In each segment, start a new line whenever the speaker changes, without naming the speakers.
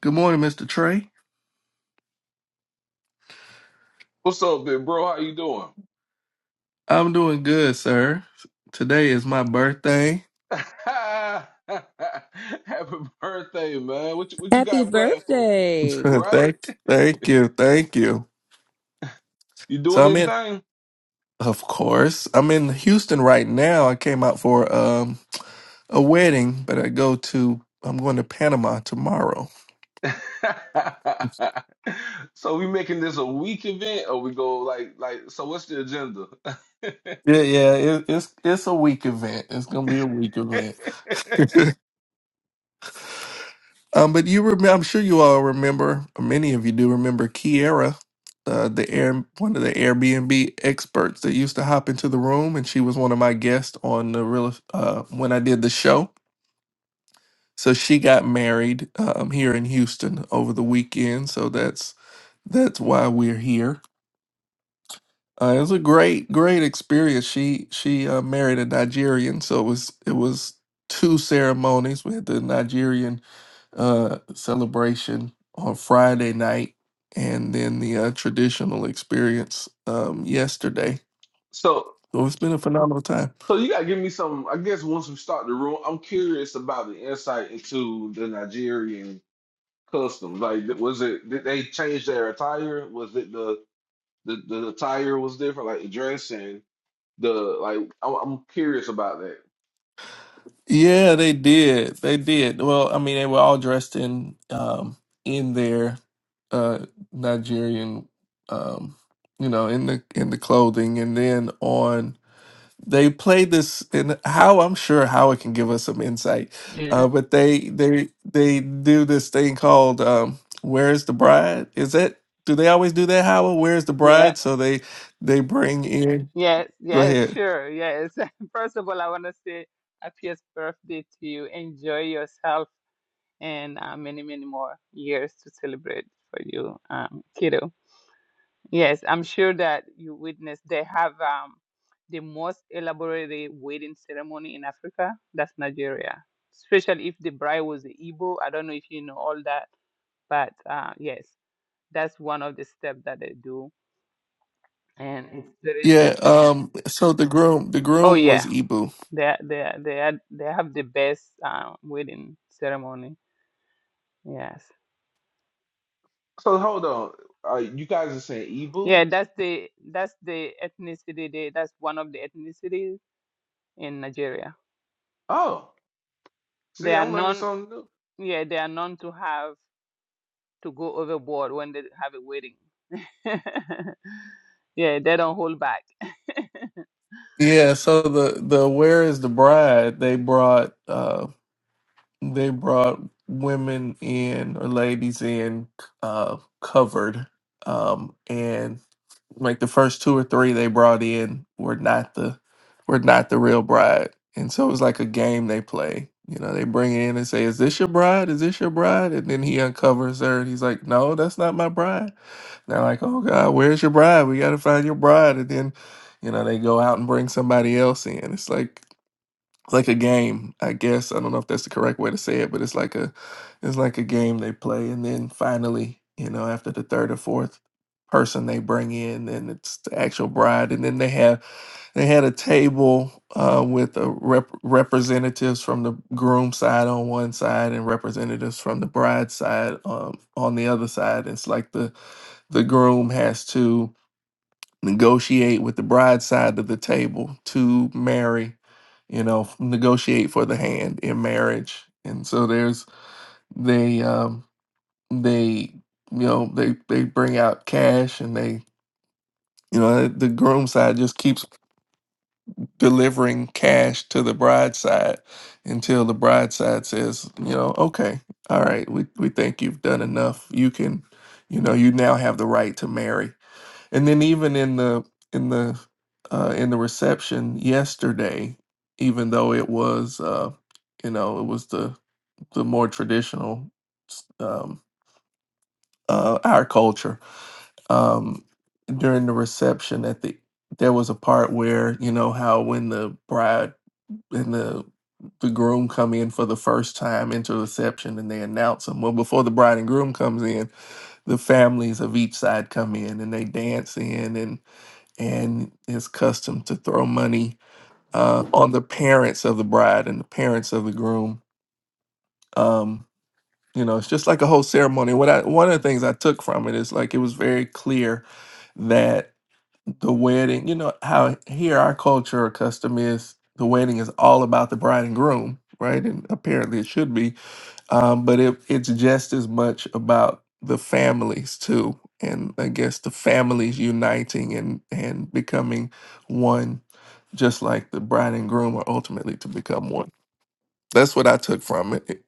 Good morning, Mr. Trey.
What's up, big bro? How you doing?
I'm doing good, sir. Today is my birthday.
Happy birthday, man. What you, what you
Happy
got planned for me?
birthday.
Right?
thank, thank you, thank you.
You
So
doing
I'm in,
anything?
of course, I'm in Houston right now. I came out for um a wedding, but I go to, I'm going to Panama tomorrow.
so we making this a week event or we go like like so what's the agenda?
Yeah, yeah, it, it's it's a week event. It's gonna be a week event. Um, but you remember, I'm sure you all remember, or many of you do remember Kiera, uh, the Air, one of the Airbnb experts that used to hop into the room, and she was one of my guests on the real uh, when I did the show. So she got married um, here in Houston over the weekend. So that's that's why we're here. Uh, it was a great, great experience. She she uh, married a Nigerian, so it was it was two ceremonies. We had the Nigerian uh, celebration on Friday night, and then the uh, traditional experience um, yesterday.
so
So it's been a phenomenal time.
so you gotta give me some I guess once we start the room, I'm curious about the insight into the Nigerian customs. Like was it did they change their attire? Was it the the the attire was different, like the dressing, the like. I'm, I'm curious about that.
Yeah, they did. They did. Well, I mean, they were all dressed in um in their uh Nigerian um you know, in the in the clothing and then on they played this and how I'm sure how it can give us some insight. Uh
Yeah,
but they they they do this thing called um Where's the Bride? Is that do they always do that, Howard? Where's the
yeah,
bride? So they they bring in
yes,
go
yes,
ahead.
sure, yes. First of all, I want to say happiest birthday to you. Enjoy yourself and uh, many, many more years to celebrate for you, um, kiddo. Yes, I'm sure that you witnessed they have um, the most elaborate wedding ceremony in Africa. That's Nigeria, especially if the bride was the Igbo. I don't know if you know all that, but uh, yes, that's one of the steps that they do, and it's very
Yeah,
interesting.
um so the groom the
Oh
groom
yeah.
was Ibu.
they they they had they have the best um, wedding ceremony. Yes,
So hold on, uh, you guys are saying Ebu?
yeah, that's the that's the ethnicity. They, that's one of the ethnicities in Nigeria.
Oh,
They
see,
are
I'm learning
known,
something new.
yeah, they are known to have to go overboard when they have a wedding. yeah, they don't hold back.
Yeah, so the the Where is the Bride? They brought uh they brought women in or ladies in uh, covered, um, and like the first two or three they brought in were not the were not the real bride, and so it was like a game they play. You know, they bring in and say, "Is this your bride? Is this your bride?" And then he uncovers her, and he's like, "No, that's not my bride." They're like, oh God, where's your bride? We got to find your bride. And then, you know, they go out and bring somebody else in. It's like, like a game, I guess. I don't know if that's the correct way to say it, but it's like a it's like a game they play and then finally, you know, after the third or fourth person they bring in, then it's the actual bride and then they have they had a table uh with a rep- representatives from the groom side on one side and representatives from the bride side um on the other side. It's like the the groom has to negotiate with the bride side of the table to marry you know f- negotiate for the hand in marriage and so there's they um they you know they they bring out cash and they you know the groom side just keeps delivering cash to the bride side until the bride side says you know okay all right we, we think you've done enough you can you know you now have the right to marry And then even in the in the uh, in the reception yesterday, even though it was uh, you know it was the the more traditional um, uh, our culture um, during the reception at the there was a part where you know how when the bride and the the groom come in for the first time into the reception and they announce them. Well, before the bride and groom comes in, the families of each side come in and they dance in and and his custom to throw money uh, on the parents of the bride and the parents of the groom. Um, you know, it's just like a whole ceremony. What I one of the things I took from it is like it was very clear that the wedding, you know, how here our culture or custom is the wedding is all about the bride and groom, right? And apparently it should be um, but it, it's just as much about the families too and i guess the families uniting and and becoming one just like the bride and groom are ultimately to become one that's what i took from it it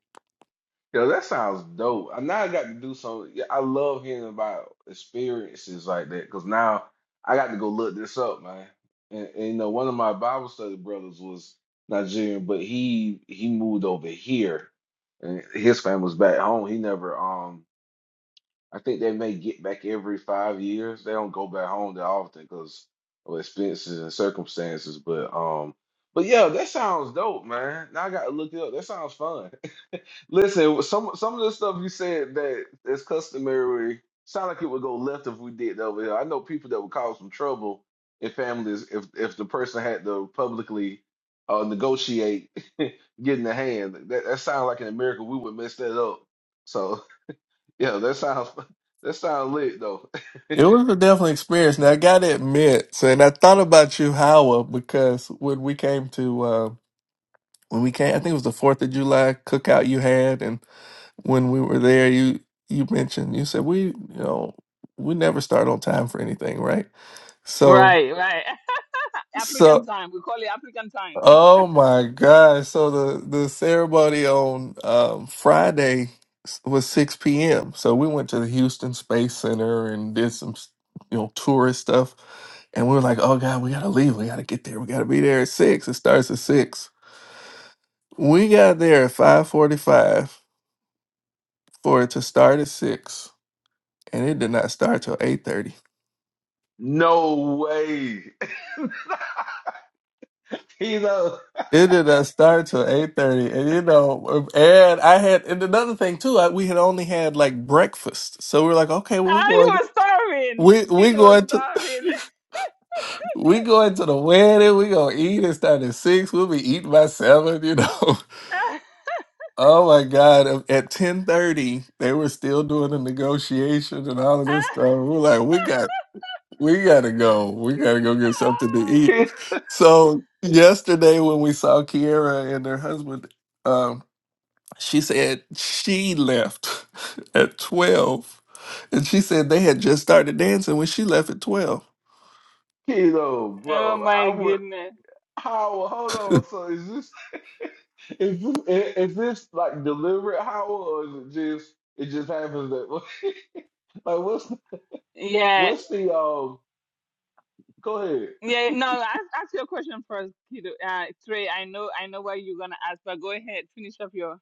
Yo, that sounds dope. I now I got to do some. yeah, I love hearing about experiences like that because now I got to go look this up, man. And, and you know, one of my Bible study brothers was Nigerian, but he he moved over here, and his family's back home. He never um I think they may get back every five years. They don't go back home that often because of expenses and circumstances. But um, but yeah, that sounds dope, man. Now I gotta look it up. That sounds fun. Listen, some some of the stuff you said that is customary sound like it would go left if we did that over here. I know people that would cause some trouble in families if if the person had to publicly uh, negotiate getting a hand. That that sounds like in America we would mess that up. So. Yeah, that sounds that sounds lit though.
was a definitely experience now i gotta admit so and i thought about you howard because when we came to uh when we came i think it was the fourth of july cookout you had and when we were there you you mentioned you said we you know we never start on time for anything right So
Right, right. African
so
time. We call it African time.
oh my God. So the the ceremony on um Friday s- was 6 p.m. So we went to the Houston Space Center and did some s- you know tourist stuff and we were like, "Oh God, we got to leave. We got to get there. We got to be there at 6. It starts at 6." We got there at 5:45 for it to start at 6, and it did not start till 8:30.
No way. Keto,
It did not start till eight thirty, and you know, and I had and another thing too. I, we had only had like breakfast, so we were like, okay, well, we
Ah, you
going,
were starving.
we
Kid
we
was
going to,
starving.
we going to the wedding. We gonna eat and start at six. We'll be eating by seven. You know. Oh my God! At ten thirty, they were still doing the negotiation and all of this stuff. We were like, we got, we gotta go. We gotta go get something to eat. So yesterday, when we saw Kiera and her husband. um, She said she left at 12. And she said they had just started dancing when she left at 12.
Keto,
oh
bro. I
my
would
goodness.
Howard, hold on. So is this is this i- is this like deliberate Howard or is it just it just happens that way? Like what's
Yeah.
what's the um go ahead.
Yeah, no, ask, ask your question first, Kido. Uh, Trey, I know, I know what you're gonna ask, but go ahead, finish up your.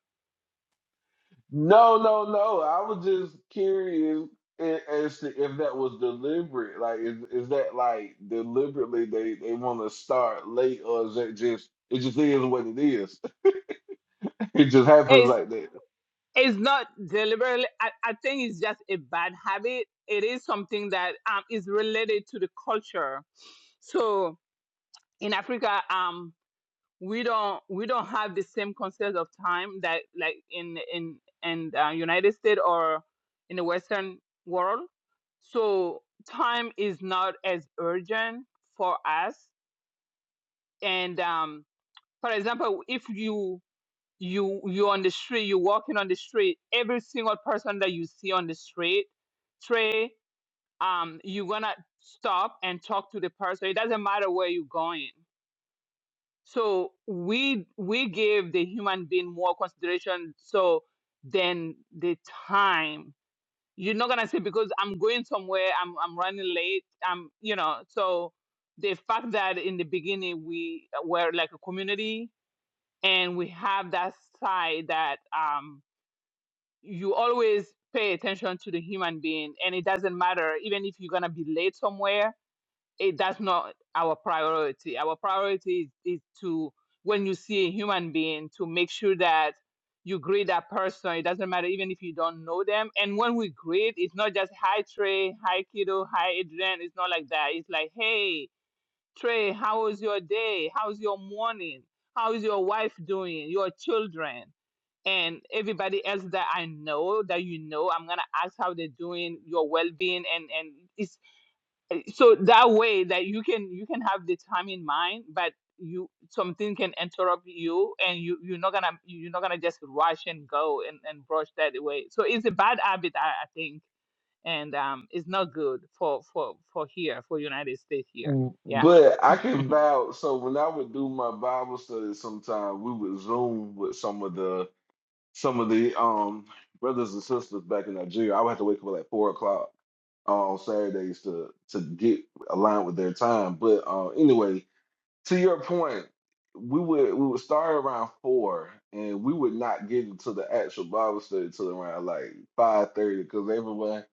No, no, no. I was just curious a- as to if that was deliberate. Like, is is that like deliberately they they want to start late, or is that just it just is what it is? It just happens
It's
like that.
it's not deliberately. I, I think it's just a bad habit. It is something that um is related to the culture. So in Africa, um, we don't we don't have the same concept of time that like in in in uh, United States or in the Western world. So time is not as urgent for us and um, for example, if you you you on the street, you're walking on the street, every single person that you see on the street, Trey, um, you're gonna stop and talk to the person. It doesn't matter where you're going. So we we give the human being more consideration so than the time. You're not gonna say because I'm going somewhere, I'm I'm running late, I'm you know, so the fact that in the beginning we were like a community and we have that side that um, you always pay attention to the human being and it doesn't matter even if you're going to be late somewhere it that's not our priority our priority is, is to when you see a human being to make sure that you greet that person it doesn't matter even if you don't know them and when we greet it's not just hi trey hi kiddo hi adrian it's not like that it's like hey Trey, how was your day? How's your morning? How is your wife doing? Your children? And everybody else that I know that you know, I'm gonna ask how they're doing, your well-being, and and it's eh, so that way that you can you can have the time in mind, but you something can interrupt you, and you you're not gonna you're not gonna just rush and go and and brush that away. So it's a bad habit, I, I think, and um, it's not good for for for here for United States here.
Mm,
Yeah.
But I can vouch. So when I would do my Bible study, sometime we would Zoom with some of the some of the um brothers and sisters back in Nigeria. I would have to wake up at like four o'clock on Saturdays to to get aligned with their time. But uh, anyway to your point, we would we would start around four, and we would not get into the actual Bible study till around like five thirty, because everyone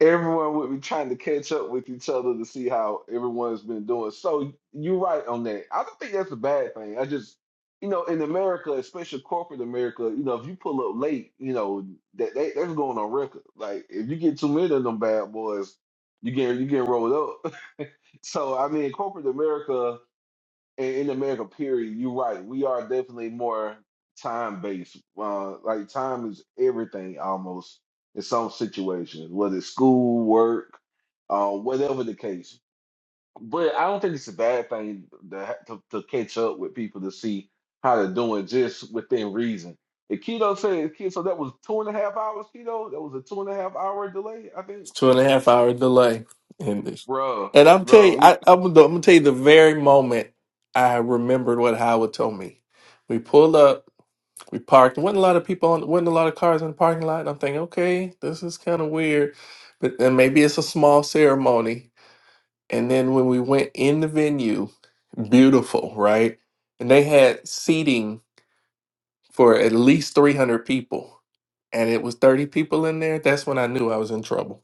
everyone would be trying to catch up with each other to see how everyone's been doing. So you're right on that. I don't think that's a bad thing. I just you know, in America, especially corporate America, you know, if you pull up late, you know, that they, that's going on record. Like if you get too many of them bad boys, you get you get rolled up. So I mean, corporate America, in, in America, period, you're right. We are definitely more time based. Uh, like time is everything almost in some situations, whether it's school, work, uh, whatever the case. But I don't think it's a bad thing to, ha- to, to catch up with people to see how they're doing just within reason. The keto said, "Ke- so that was two and a half hours keto. That was a two and a half hour delay, I think.
Two and a half hour delay in this.
Bro,
And I'm tell you,
bro,
I, I'm, gonna- I'm gonna tell you the very moment I remembered what Howard told me. We pulled up, we parked. wasn't a lot of people on, wasn't a lot of cars in the parking lot. And I'm thinking, okay, this is kind of weird, but then maybe it's a small ceremony. And then when we went in the venue, beautiful, right? And they had seating for at least 300 people and it was 30 people in there, that's when I knew I was in trouble.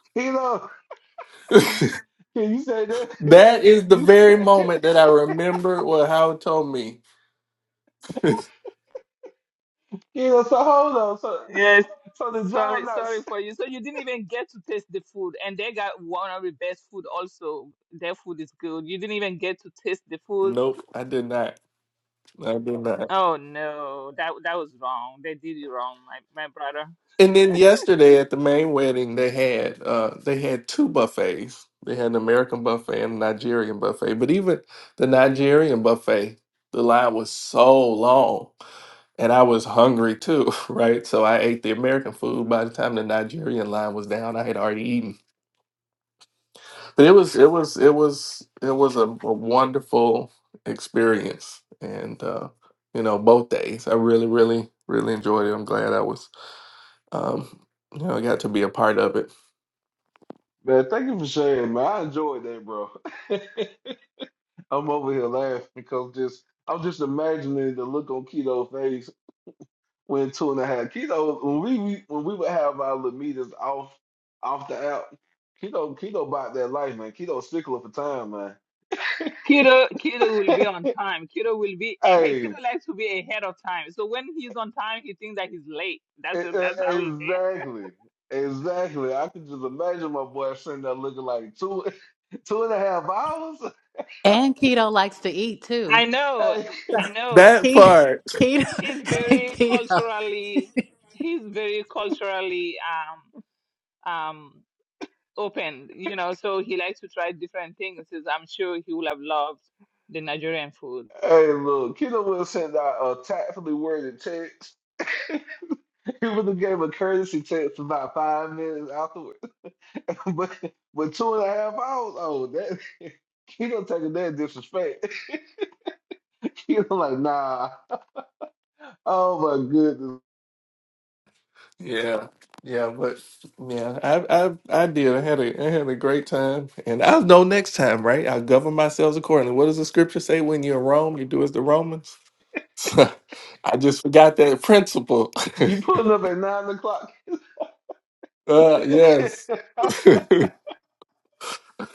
keto, can you say that?
that is the
You
very
said, keto.
moment that I remember what Howard told me.
so hold on. so
Yes.
So did y'all
Sorry,
not? s-
sorry for you. So you didn't even get to taste the food, and they got one of the best food. Also, their food is good. You didn't even get to taste the food.
nope,
to-
I did not. I did not.
Oh no, that that was wrong. They did you wrong, my my brother.
And then yesterday at the main wedding, they had uh, they had two buffets. They had an American buffet and a Nigerian buffet. But even the Nigerian buffet, the line was so long. and I was hungry too, right? So I ate the American food. By the time the Nigerian line was down, I had already eaten. But it was it was it was it was a, a wonderful experience, and uh, you know both days I really really really enjoyed it. I'm glad I was um, you know got to be a part of it.
Man, thank you for sharing, man. I enjoyed that, bro. I'm over here laughing because just I'm just imagining the look on Keto's face when two and a half Keto when we we- when we would have our little meetings off off the app. Keto Keto bought that life, man. Keto stickler for time, man.
Kido Kido will be on time. Kido will be ahead.
Hey, e-
Kido likes to be ahead of time. So when he's on time, he thinks that he's late.
e-
That's that's how he. is.
exactly, exactly. I can just imagine my boy sitting there looking like two two and a half hours.
And keto likes to eat too.
I know,
Hey.
I know.
That
Keto,
part.
keto,
He's very
keto.
culturally. He's very culturally. Um. um, open, you know, so he likes to try different things. Says, I'm sure he will have loved the Nigerian food.
Hey, look, Keno will have sent out a tactfully worded text. He would have gave a courtesy text about five minutes afterwards. but but two and a half hours, oh, that Keno taking that disrespect. Keno like, nah, oh my goodness.
Yeah, yeah, but yeah, I I I did. I had a I had a great time, and I'll know next time, right? I'll govern myself accordingly. What does the scripture say? When you're in Rome, you do as the Romans. I just forgot that principle.
You pulling up at nine o'clock?
uh, yes.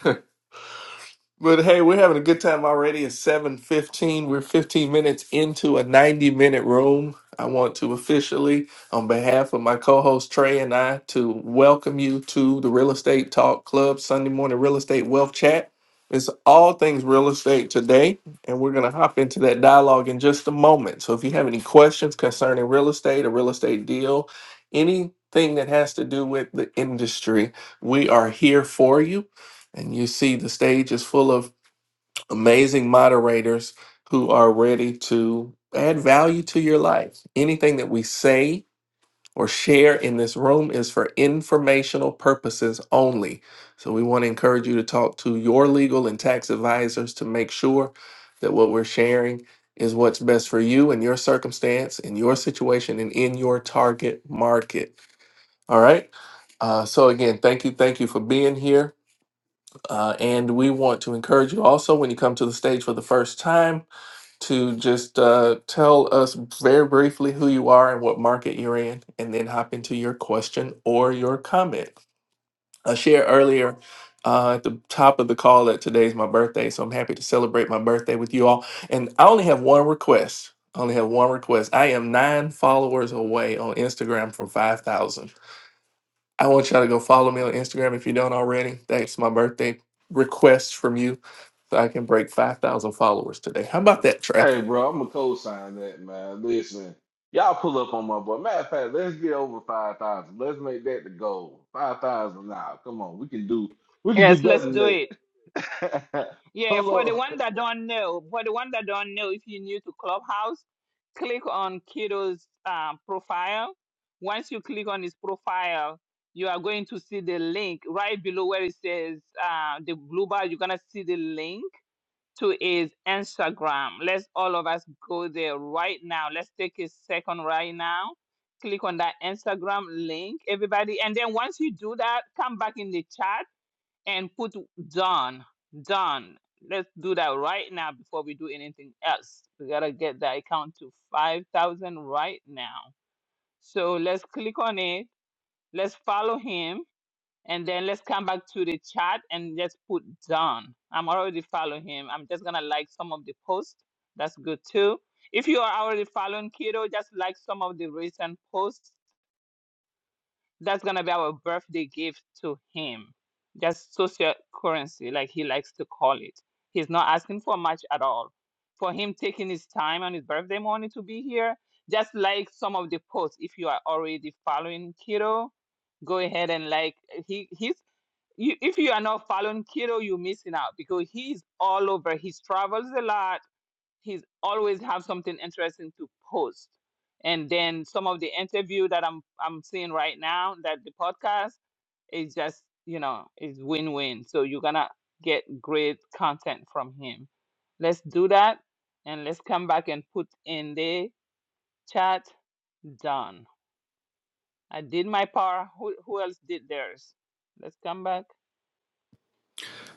But hey, we're having a good time already. It's 7:15. We're 15 minutes into a 90-minute room. I want to officially, on behalf of my co-host Trey and I, to welcome you to the Real Estate Talk Club Sunday morning real estate wealth chat. It's all things real estate today, and we're going to hop into that dialogue in just a moment. So if you have any questions concerning real estate, a real estate deal, anything that has to do with the industry, we are here for you and you see the stage is full of amazing moderators who are ready to add value to your life. Anything that we say or share in this room is for informational purposes only. So we want to encourage you to talk to your legal and tax advisors to make sure that what we're sharing is what's best for you and your circumstance and your situation and in your target market. All right. Uh, so again, thank you, thank you for being here. Uh, and we want to encourage you also when you come to the stage for the first time to just uh, tell us very briefly who you are and what market you're in, and then hop into your question or your comment. I shared earlier uh, at the top of the call that today's my birthday, so I'm happy to celebrate my birthday with you all. And I only have one request. I only have one request. I am nine followers away on Instagram from 5,000. I want y'all to go follow me on Instagram if you don't already. That's my birthday request from you so I can break 5,000 followers today. How about that, Trey?
Hey, bro, I'm gonna co-sign that, man. Listen, y'all pull up on my boy. Matter of fact, let's get over five thousand. Let's make that the goal. Five thousand now. Come on, we can do we can do
Yes,
better
let's
than
do
that.
it. Yeah, for
Pull
the
up.
one that don't know, for the one that don't know, if you're new to Clubhouse, click on Kiddo's uh, profile. Once you click on his profile, you are going to see the link right below where it says uh, the blue bar. You're gonna see the link to is Instagram. Let's all of us go there right now. Let's take a second right now. Click on that Instagram link, everybody. And then once you do that, come back in the chat and put done. Done. Let's do that right now before we do anything else. We got to get that account to 5,000 right now. So let's click on it. Let's follow him and then let's come back to the chat and just put Don. I'm already following him. I'm just gonna like some of the posts. That's good too. If you are already following Keto, just like some of the recent posts. That's gonna be our birthday gift to him. Just social currency, like he likes to call it. He's not asking for much at all. For him taking his time on his birthday morning to be here, just like some of the posts. If you are already following Keto, go ahead and like he he's you, if you are not following Kido, you're missing out because he's all over. He travels a lot. He's always have something interesting to post. And then some of the interview that I'm I'm seeing right now that the podcast is just you know is win-win. So you're gonna get great content from him. Let's do that and let's come back and put in the chat done. I did my part. Who who else did theirs? Let's come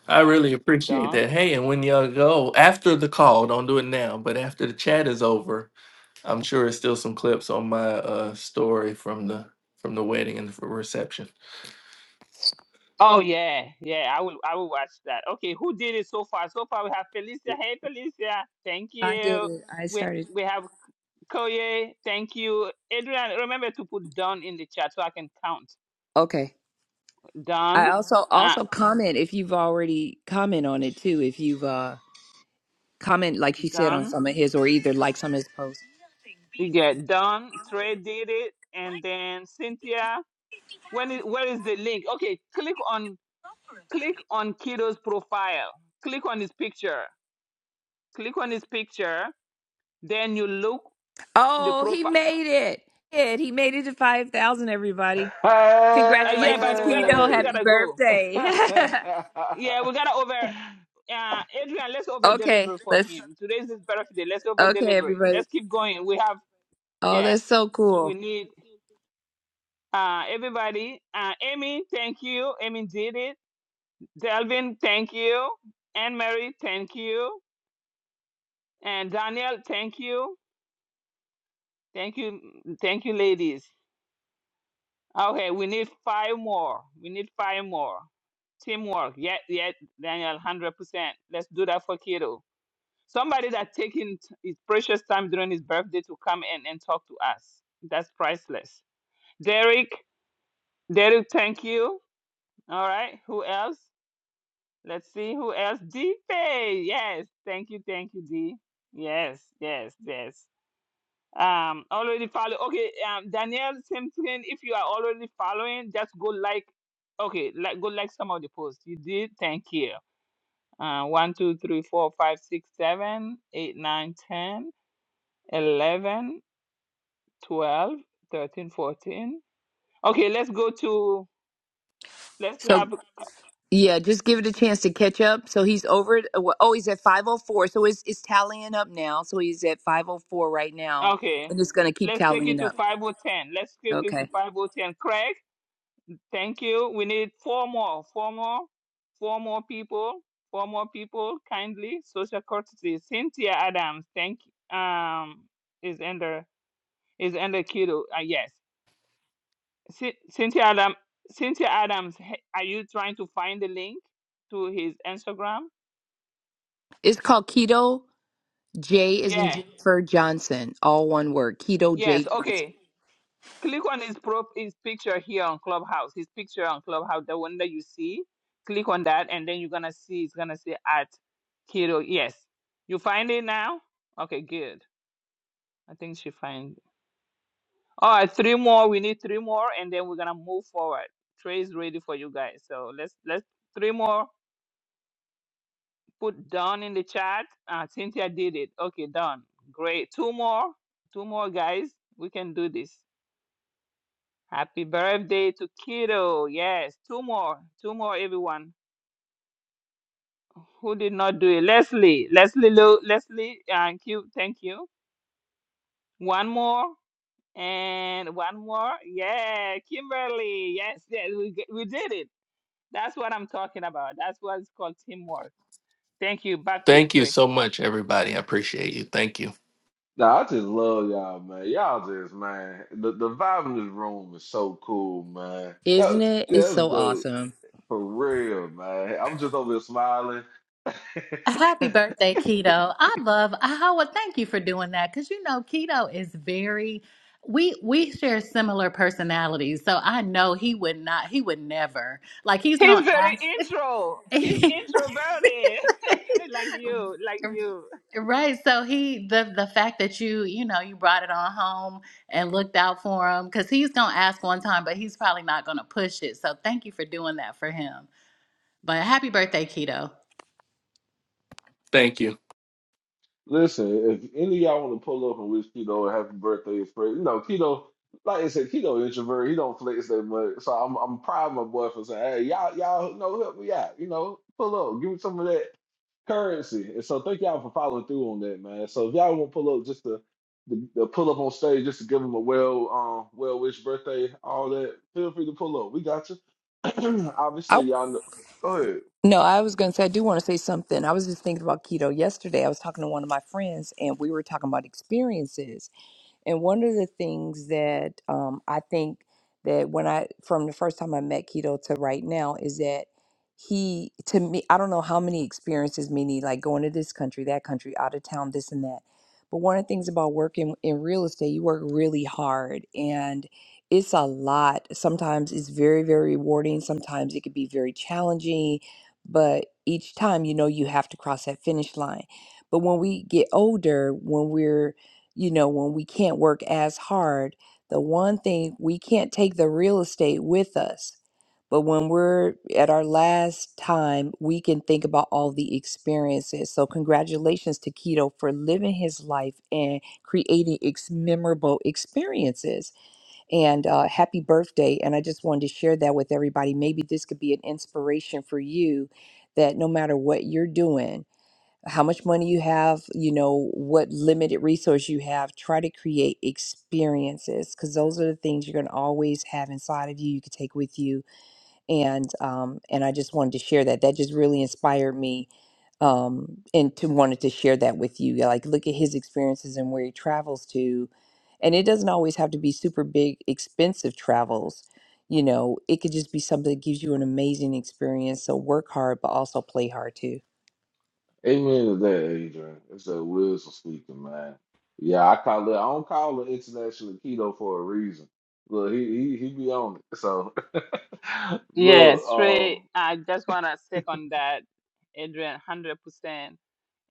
I really appreciate
back.
that. Hey, and when y'all go after the call, don't do it now, but after the chat is over, I'm sure it's still some clips on my uh, story from the from the wedding and the reception.
Oh yeah, yeah. I will. I will watch that. Okay, who did it so far? So far, we have Felicia. Hey, Felicia. Thank
I did
you.
it. I
We
started.
we have Koye. Thank you, Adrian. Remember to put Don in the chat so I can count.
Okay. I
Don.
also
Uh,
also comment if you've already comment on it too. If you've uh comment like she said on
Don.
some of his or either like some of his posts.
Yeah, Don. Trey did it, and then Cynthia. When is where is the link? Okay, click on click on Kiddo's profile. Click on his picture. Click on his picture. Then you look the
Oh, he
profile.
made it. It he made it to five thousand, everybody.
Uh, yeah, but
Congratulations,
we gotta we
Keto.
still
Hey!
Happy
gotta go.
birthday.
Yeah, we gotta over uh Adrian, let's over
okay,
deliver for
let's
him. Today's his birthday. Let's over
okay,
deliver.
everybody.
Let's keep going. We have
Oh,
yeah,
that's so
we
cool.
need uh everybody. Uh Amy, thank you. Amy did it. Delvin, thank you. Anne Mary, thank you. And Daniel, thank you. Thank you thank you, ladies. Okay, we need five more. We need five more. Teamwork. Yeah, yeah, Daniel, one hundred percent. Let's do that for kiddo. Somebody that taking t- his precious time during his birthday to come and, and talk to us. That's priceless. Derek, Derek, thank you. All right. Who else? Let's see who else. D Pay. Yes. Thank you. Thank you, D. Yes. Yes. Yes. Um, already follow. Okay. Um, Danielle, same thing. If you are already following, just go like. Okay, like go like some of the posts you did. Thank you. Uh, One, two, three, four, five, six, seven, eight, nine, ten, eleven. 12, 13, 14. Okay, let's go to, let's
So
have,
Yeah, just give it a chance to catch up. So he's over. it- Oh, he's at five oh four. So it's it's tallying up now. So he's at five oh four right now,
okay,
and it's gonna keep
let's take it
tallying
to
up.
5 or 10. Let's get it to
Okay.
5 or 10. Craig, thank you. We need four more, four more, four more people, four more people, kindly. Social courtesy. Cynthia Adams, thank you. Um, is under, is under kiddo. Uh, yes. Cyn- Cynthia Adam, Cynthia Adams, he- are you trying to find the link to his Instagram?
It's called keto. J is in
Yeah.
Jennifer Johnson. All one word. Keto
Yes.
J Johnson.
Okay. click on his pro his picture here on clubhouse his picture on clubhouse the one that you see click on that and then you're gonna see it's gonna say at keto yes you find it now okay good i think she find all right three more we need three more and then we're gonna move forward trey is ready for you guys so let's let's three more put done in the chat uh cynthia did it okay done great two more two more guys we can do this Happy birthday to Kiddo. Yes, two more, two more, everyone. Who did not do it? Leslie, Leslie, Lou, Leslie, and you, thank you. One more and one more. Yeah, Kimberly. Yes, yes, we g- we did it. That's what I'm talking about. That's what's called teamwork. Thank you. Back to you,
Thank you
Trey.
so much, everybody. I appreciate you. Thank you.
nah, I just love y'all, man. Y'all just, man, the, the vibe in this room is so cool, man.
Isn't
That,
it?
yeah,
It's
that's
so
the
awesome.
for real, man. I'm just over here smiling.
Happy birthday, keto! I love Howard. Thank you for doing that because you know keto is very. We we share similar personalities, so I know he would not. He would never like. He's
He's
gonna
very intro. He's
ask.
introverted, like you, like you.
Right. So he the the fact that you, you know, you brought it on home and looked out for him cuz he's going to ask one time but he's probably not going to push it. So thank you for doing that for him. But happy birthday, Keto.
Thank you.
Listen, if any of y'all want to pull up and wish Keto a happy birthday, it's great. You know, Keto, like I said, Keto introvert, he don't flex that much. So I'm I'm proud of my boy for saying, hey, y'all, y'all, you know, help me out. You know, pull up, give me some of that currency. And so thank y'all for following through on that, man. So if y'all want to pull up just to, to, to pull up on stage just to give him a well um well wish birthday, all that, feel free to pull up. We got you.
I
Obviously, y'all know. Go ahead.
no, I was gonna say I do want to say something. I was just thinking about keto yesterday. I was talking to one of my friends, and we were talking about experiences. And one of the things that um, I think that when I, from the first time I met Keto to right now, is that he, to me, I don't know how many experiences, many like going to this country, that country, out of town, this and that. But one of the things about working in real estate, you work really hard and it's a lot. Sometimes it's very, very rewarding. Sometimes it could be very challenging. But each time, you know, you have to cross that finish line. But when we get older, when we're you know, when we can't work as hard, the one thing we can't take the real estate with us. But when we're at our last time, we can think about all the experiences. So, congratulations to Keto for living his life and creating ex- memorable experiences. And uh, happy birthday. And I just wanted to share that with everybody. Maybe this could be an inspiration for you that no matter what you're doing, how much money you have, you know, what limited resource you have. Try to create experiences because those are the things you're going to always have inside of you. You can take with you, and um, and I just wanted to share that. That just really inspired me, um, and to wanted to share that with you. yeah, Like, look at his experiences and where he travels to, and it doesn't always have to be super big, expensive travels. You know, it could just be something that gives you an amazing experience. So work hard, but also play hard too.
Amen to that, Adrian. It's a wisdom speaking, man. Yeah, I call it. I don't call it international keto for a reason. Look, he he, he be on it. So, look,
Yes, Trey.
um,
I just wanna second that, Adrian, hundred percent.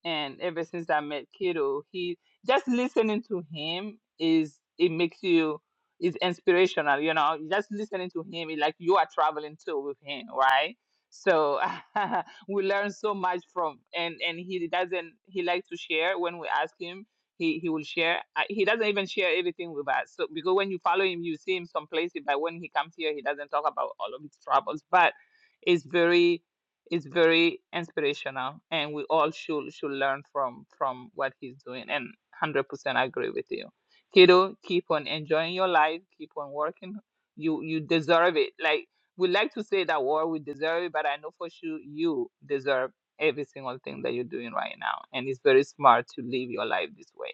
And ever since I met Kido, he just listening to him is it makes you is inspirational, you know. Just listening to him is like you are traveling too with him, right? So we learn so much from and and he doesn't he likes to share when we ask him he he will share Uh, he doesn't even share everything with us so because when you follow him you see him some places but when he comes here he doesn't talk about all of his troubles but it's very is very inspirational and we all should should learn from from what he's doing and 100% I agree with you kiddo keep on enjoying your life keep on working you you deserve it like we like to say that word we deserve it but i know for sure you deserve every single thing that you're doing right now. And it's very smart to live your life this way.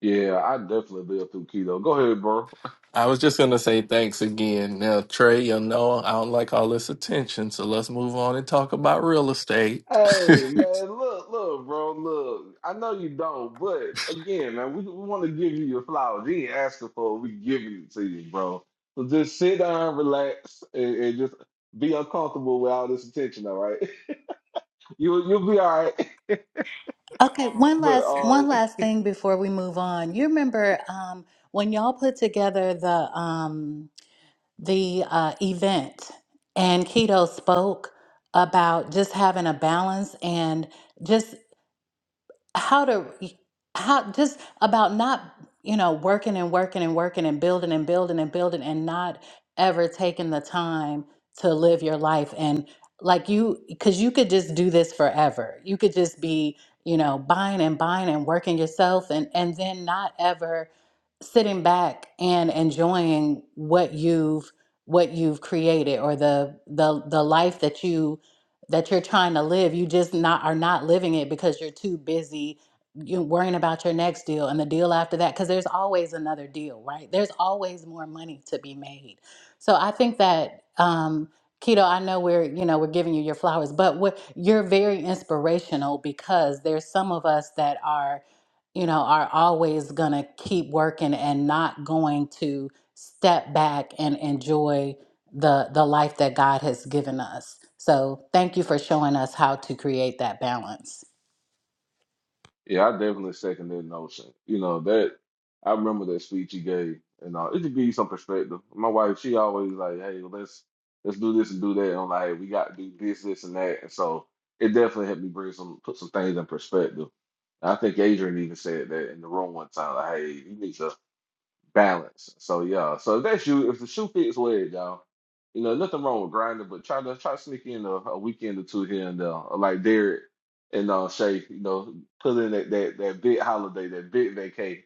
yeah, I definitely been through keto. Go ahead, bro.
I was just gonna say thanks again. Now, Trey, you know I don't like all this attention, so let's move on and talk about real estate.
Hey, man, look, look, bro, look. I know you don't, but again, man, we, we want to give you your flowers. You ain't asking for it. We giving it to you, bro. So just sit down, relax, and, and just be uncomfortable with all this attention. All right, you you'll be all right.
Okay, one
But
last
uh,
one last thing before we move on. You remember um when y'all put together the um the uh event and Keto spoke about just having a balance and just. how to how just about not you know working and working and working and building and building and building and not ever taking the time to live your life and like you because you could just do this forever you could just be you know buying and buying and working yourself and and then not ever sitting back and enjoying what you've what you've created or the the the life that you that you're trying to live. You just not are not living it because you're too busy you know, worrying about your next deal and the deal after that because there's always another deal, right? There's always more money to be made. So I think that um Keto, I know we're, you know, we're giving you your flowers, but what you're very inspirational because there's some of us that are, you know, are always gonna keep working and not going to step back and enjoy the the life that God has given us. So thank you for showing us how to create that balance.
yeah, I definitely second that notion. You know that I remember that speech he gave, and uh, it just give you some perspective. My wife, she always like, "Hey, well, let's let's do this and do that." And I'm like, "Hey, "We got to do this, this, and that." And so it definitely helped me bring some put some things in perspective. I think Adrian even said that in the room one time, like, "Hey, you need to balance. So yeah, so if that shoe, if the shoe fits wear it, y'all, you know nothing wrong with grinding, but try to try to sneak in a, a weekend or two here and there, like Derek and uh, Shay, you know, put in that that that big holiday, that big vacay,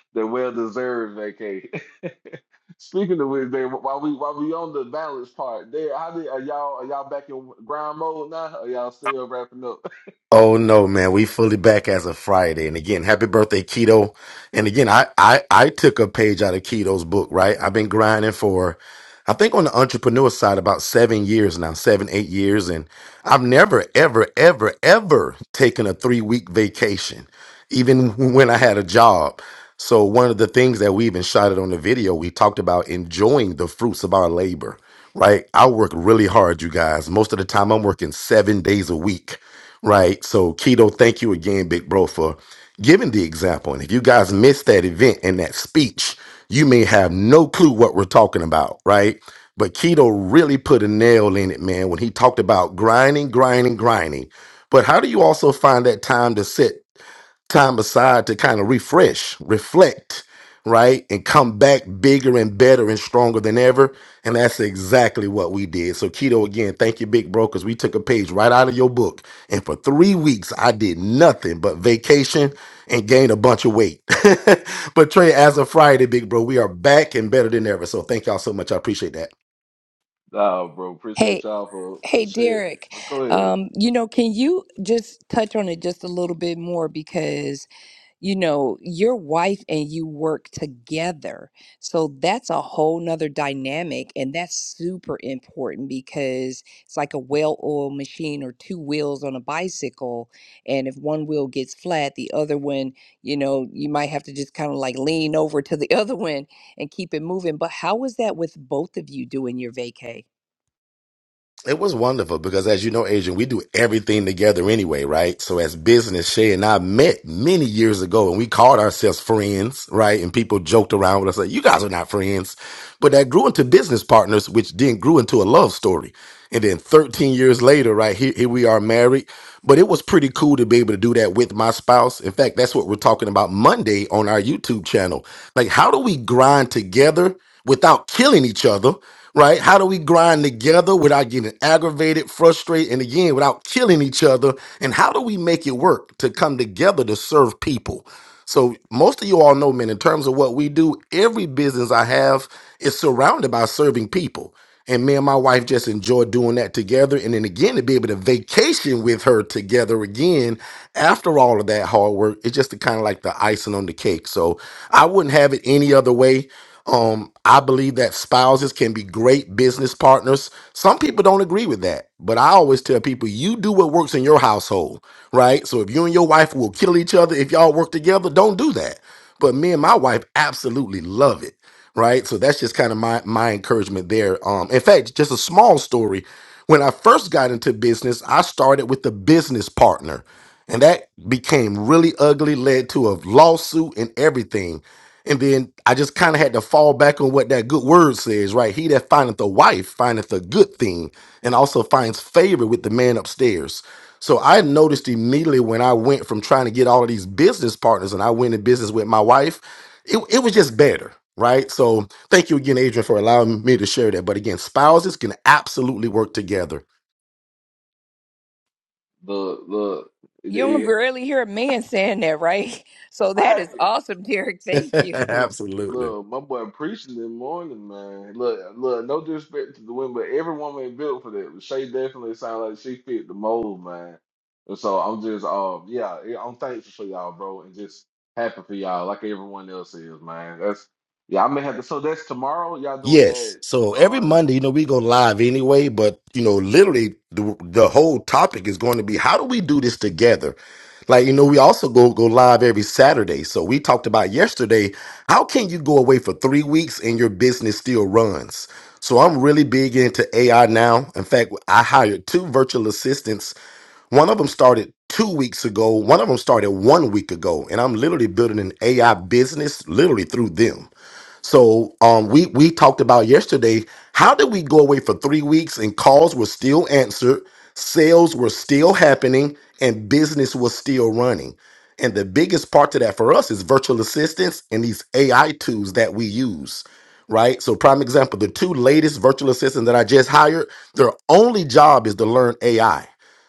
that well deserved vacay. Speaking of which, there while we while we on the balance part, there, how did are y'all are y'all back in grind mode now? Are y'all still wrapping up?
Oh no, man. We fully back as of Friday. And again, happy birthday, Keto. And again, I, I, I took a page out of Keto's book, right? I've been grinding for, I think on the entrepreneur side, about seven years now, seven, eight years. And I've never, ever, ever, ever taken a three week vacation, even when I had a job. So one of the things that we even shot it on the video, we talked about enjoying the fruits of our labor, right? I work really hard, you guys. Most of the time I'm working seven days a week right? So, Keto, thank you again, big bro, for giving the example. And if you guys missed that event and that speech, you may have no clue what we're talking about, right? But Keto really put a nail in it, man, when he talked about grinding, grinding, grinding. But how do you also find that time to sit? time aside to kind of refresh, reflect, right? And come back bigger and better and stronger than ever. And that's exactly what we did. So, Keto, again, thank you, Big Bro, because we took a page right out of your book. And for three weeks, I did nothing but vacation and gained a bunch of weight. but, Trey, as of Friday, Big Bro, we are back and better than ever. So, thank y'all so much. I appreciate that.
Nah, bro, appreciate
Hey,
y'all for for
hey,
sharing.
Derek.
Go ahead.
Um, you know, can you just touch on it just a little bit more because you know your wife and you work together so that's a whole nother dynamic and that's super important because it's like a well-oiled machine or two wheels on a bicycle and if one wheel gets flat the other one you know you might have to just kind of like lean over to the other one and keep it moving but how was that with both of you doing your vacay
It was wonderful because, as you know, Adrian, we do everything together anyway, right? So, as business, Shay and I met many years ago and we called ourselves friends, right? And people joked around with us like, you guys are not friends. But that grew into business partners, which then grew into a love story. And then 13 years later, right, here, here we are married. But it was pretty cool to be able to do that with my spouse. In fact, that's what we're talking about Monday on our YouTube channel. Like, how do we grind together without killing each other? right? How do we grind together without getting aggravated, frustrated, and again, without killing each other? And how do we make it work to come together to serve people? So, most of you all know, man, in terms of what we do, every business I have is surrounded by serving people. And me and my wife just enjoy doing that together. And then again, to be able to vacation with her together again after all of that hard work, it's just kind of like the icing on the cake. So I wouldn't have it any other way. Um, I believe that spouses can be great business partners. Some people don't agree with that, but I always tell people you do what works in your household, right? So if you and your wife will kill each other if y'all work together, don't do that. But me and my wife absolutely love it right? So that's just kind of my my encouragement there. Um, in fact, just a small story. When I first got into business, I started with a business partner, and that became really ugly, led to a lawsuit and everything. And then I just kind of had to fall back on what that good word says, right? He that findeth a wife findeth a good thing, and also finds favor with the man upstairs. So I noticed immediately when I went from trying to get all of these business partners, and I went in business with my wife it, it was just better right so thank you again adrian for allowing me to share that but again spouses can absolutely work together
The the,
you don't
the
barely hear a man saying that right so that is
I
awesome derek thank you
absolutely
Look, my boy preaching in the morning, man. Look, look, no disrespect to the women, but every woman ain't built for that. But Shay definitely sounds like she fit the mold, man. And so I'm just, um, yeah, yeah, I'm thankful for y'all, bro, and just happy for y'all, like everyone else is, man. That's, yeah, I may have to. So that's tomorrow. Y'all doing
yes so every
that
monday you know we go live anyway but you know literally the, the whole topic is going to be how do we do this together like you know we also go go live every saturday so we talked about yesterday how can you go away for three weeks and your business still runs so i'm really big into ai now in fact i hired two virtual assistants One of them started two weeks ago. One of them started one week ago. And I'm literally building an AI business literally through them. So um, we we talked about yesterday. How did we go away for three weeks and calls were still answered, sales were still happening, and business was still running? And the biggest part to that for us is virtual assistants and these AI tools that we use, right? So prime example, the two latest virtual assistants that I just hired, their only job is to learn AI.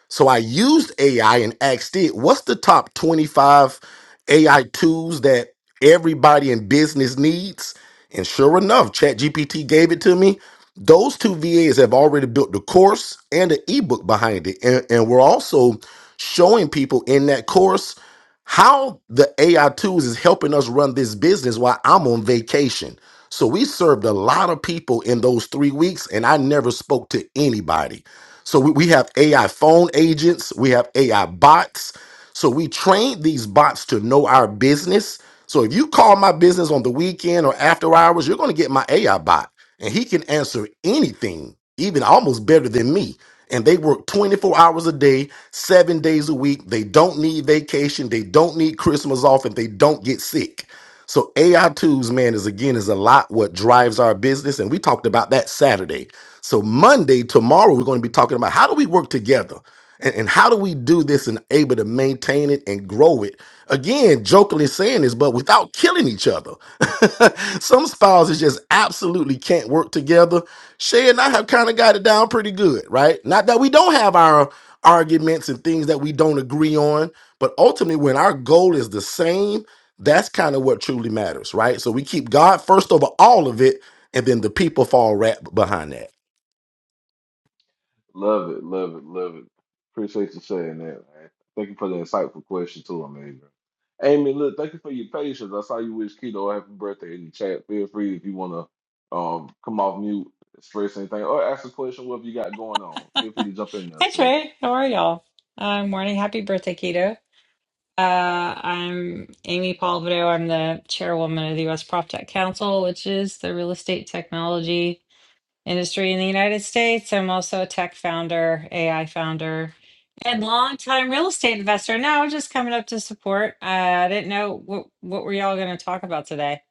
So I used AI and asked it, what's the top 25 AI tools that everybody in business needs? And sure enough, ChatGPT gave it to me. Those two VAs have already built the course and the ebook behind it. And, and we're also showing people in that course how the AI tools is helping us run this business while I'm on vacation. So we served a lot of people in those three weeks, and I never spoke to anybody. So we, we have AI phone agents, we have AI bots, so we trained these bots to know our business. So if you call my business on the weekend or after hours, you're going to get my AI bot and he can answer anything, even almost better than me. And they work 24 hours a day, seven days a week. They don't need vacation. They don't need Christmas off and they don't get sick. So AI tools, man, is again, is a lot what drives our business. And we talked about that Saturday. So Monday, tomorrow, we're going to be talking about how do we work together? And, and how do we do this and able to maintain it and grow it? Again, jokingly saying this, but without killing each other. Some spouses just absolutely can't work together. Shay and I have kind of got it down pretty good, right? Not that we don't have our arguments and things that we don't agree on, but ultimately, when our goal is the same, that's kind of what truly matters, right? So we keep God first over all of it, and then the people fall right behind that.
Love it, love it, love it. Appreciate you saying that, man. Thank you for the insightful question too, Amy. Amy, look, thank you for your patience. I saw you wish Keto a happy birthday in the chat. Feel free if you wanna um come off mute, express anything, or ask a question, whatever you got going on. Feel free to jump in
Hi
there.
Trey, how are y'all? Uh, morning, happy birthday, Keto. Uh, I'm Amy Palvido. I'm the chairwoman of the U.S. Prop Tech Council, which is the real estate technology industry in the United States. I'm also a tech founder, AI founder, and longtime real estate investor. Now, just coming up to support. Uh, I didn't know what what were y'all going to talk about today.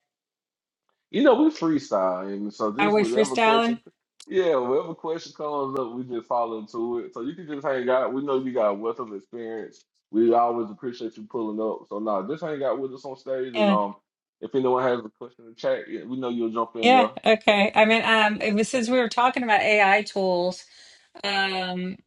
You know, we freestyle, and so
Are
just
we
whatever
freestyling?
question, yeah, whatever question comes up, we just follow to it. So you can just hang out. We know you got a wealth of experience. We always appreciate you pulling up. So now just hang out with us on stage, and
Yeah,
um, if anyone has a question in the chat, yeah, we know you'll jump in
yeah,
there.
okay. I mean, um, it was since we were talking about AI tools. Um,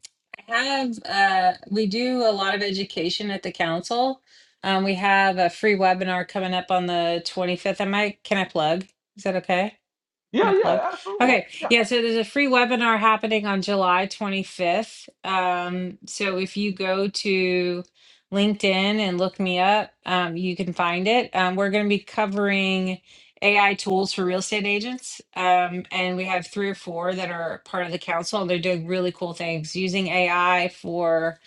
I have, uh, we do a lot of education at the council. Um, we have a free webinar coming up on the 25th. Am I, can I plug? Is that okay?
Yeah,
Smith
yeah,
left.
absolutely,
Okay,
yeah.
yeah, so there's a free webinar happening on July 25th. Um, so if you go to LinkedIn and look me up, um, you can find it. Um, we're going to be covering AI tools for real estate agents. Um, and we have three or four that are part of the council, and they're doing really cool things using AI for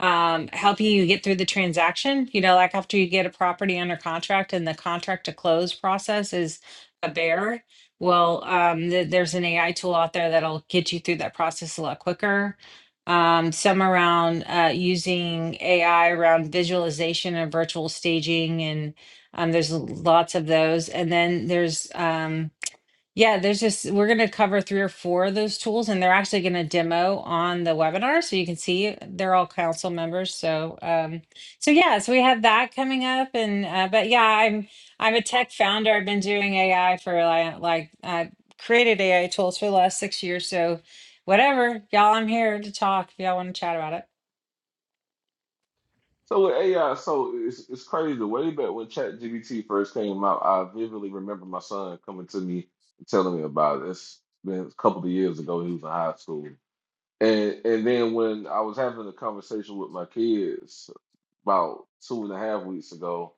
um, helping you get through the transaction. You know, like after you get a property under contract and the contract to close process is a bear. Well, um, th- there's an AI tool out there that'll get you through that process a lot quicker. Um, some around uh, using AI around visualization and virtual staging, and um, there's lots of those. And then there's um, yeah, there's just we're going to cover three or four of those tools, and they're actually going to demo on the webinar, so you can see they're all council members. So, um, so yeah, so we have that coming up, and uh, but yeah, I'm I'm a tech founder. I've been doing AI for like like I created AI tools for the last six years. So, whatever, y'all, I'm here to talk if y'all want to chat about it.
So with AI, so it's it's crazy. Way back when ChatGPT first came out, I vividly remember my son coming to me and telling me about it. It's been a couple of years ago. He was in high school And and then when I was having a conversation with my kids about two and a half weeks ago,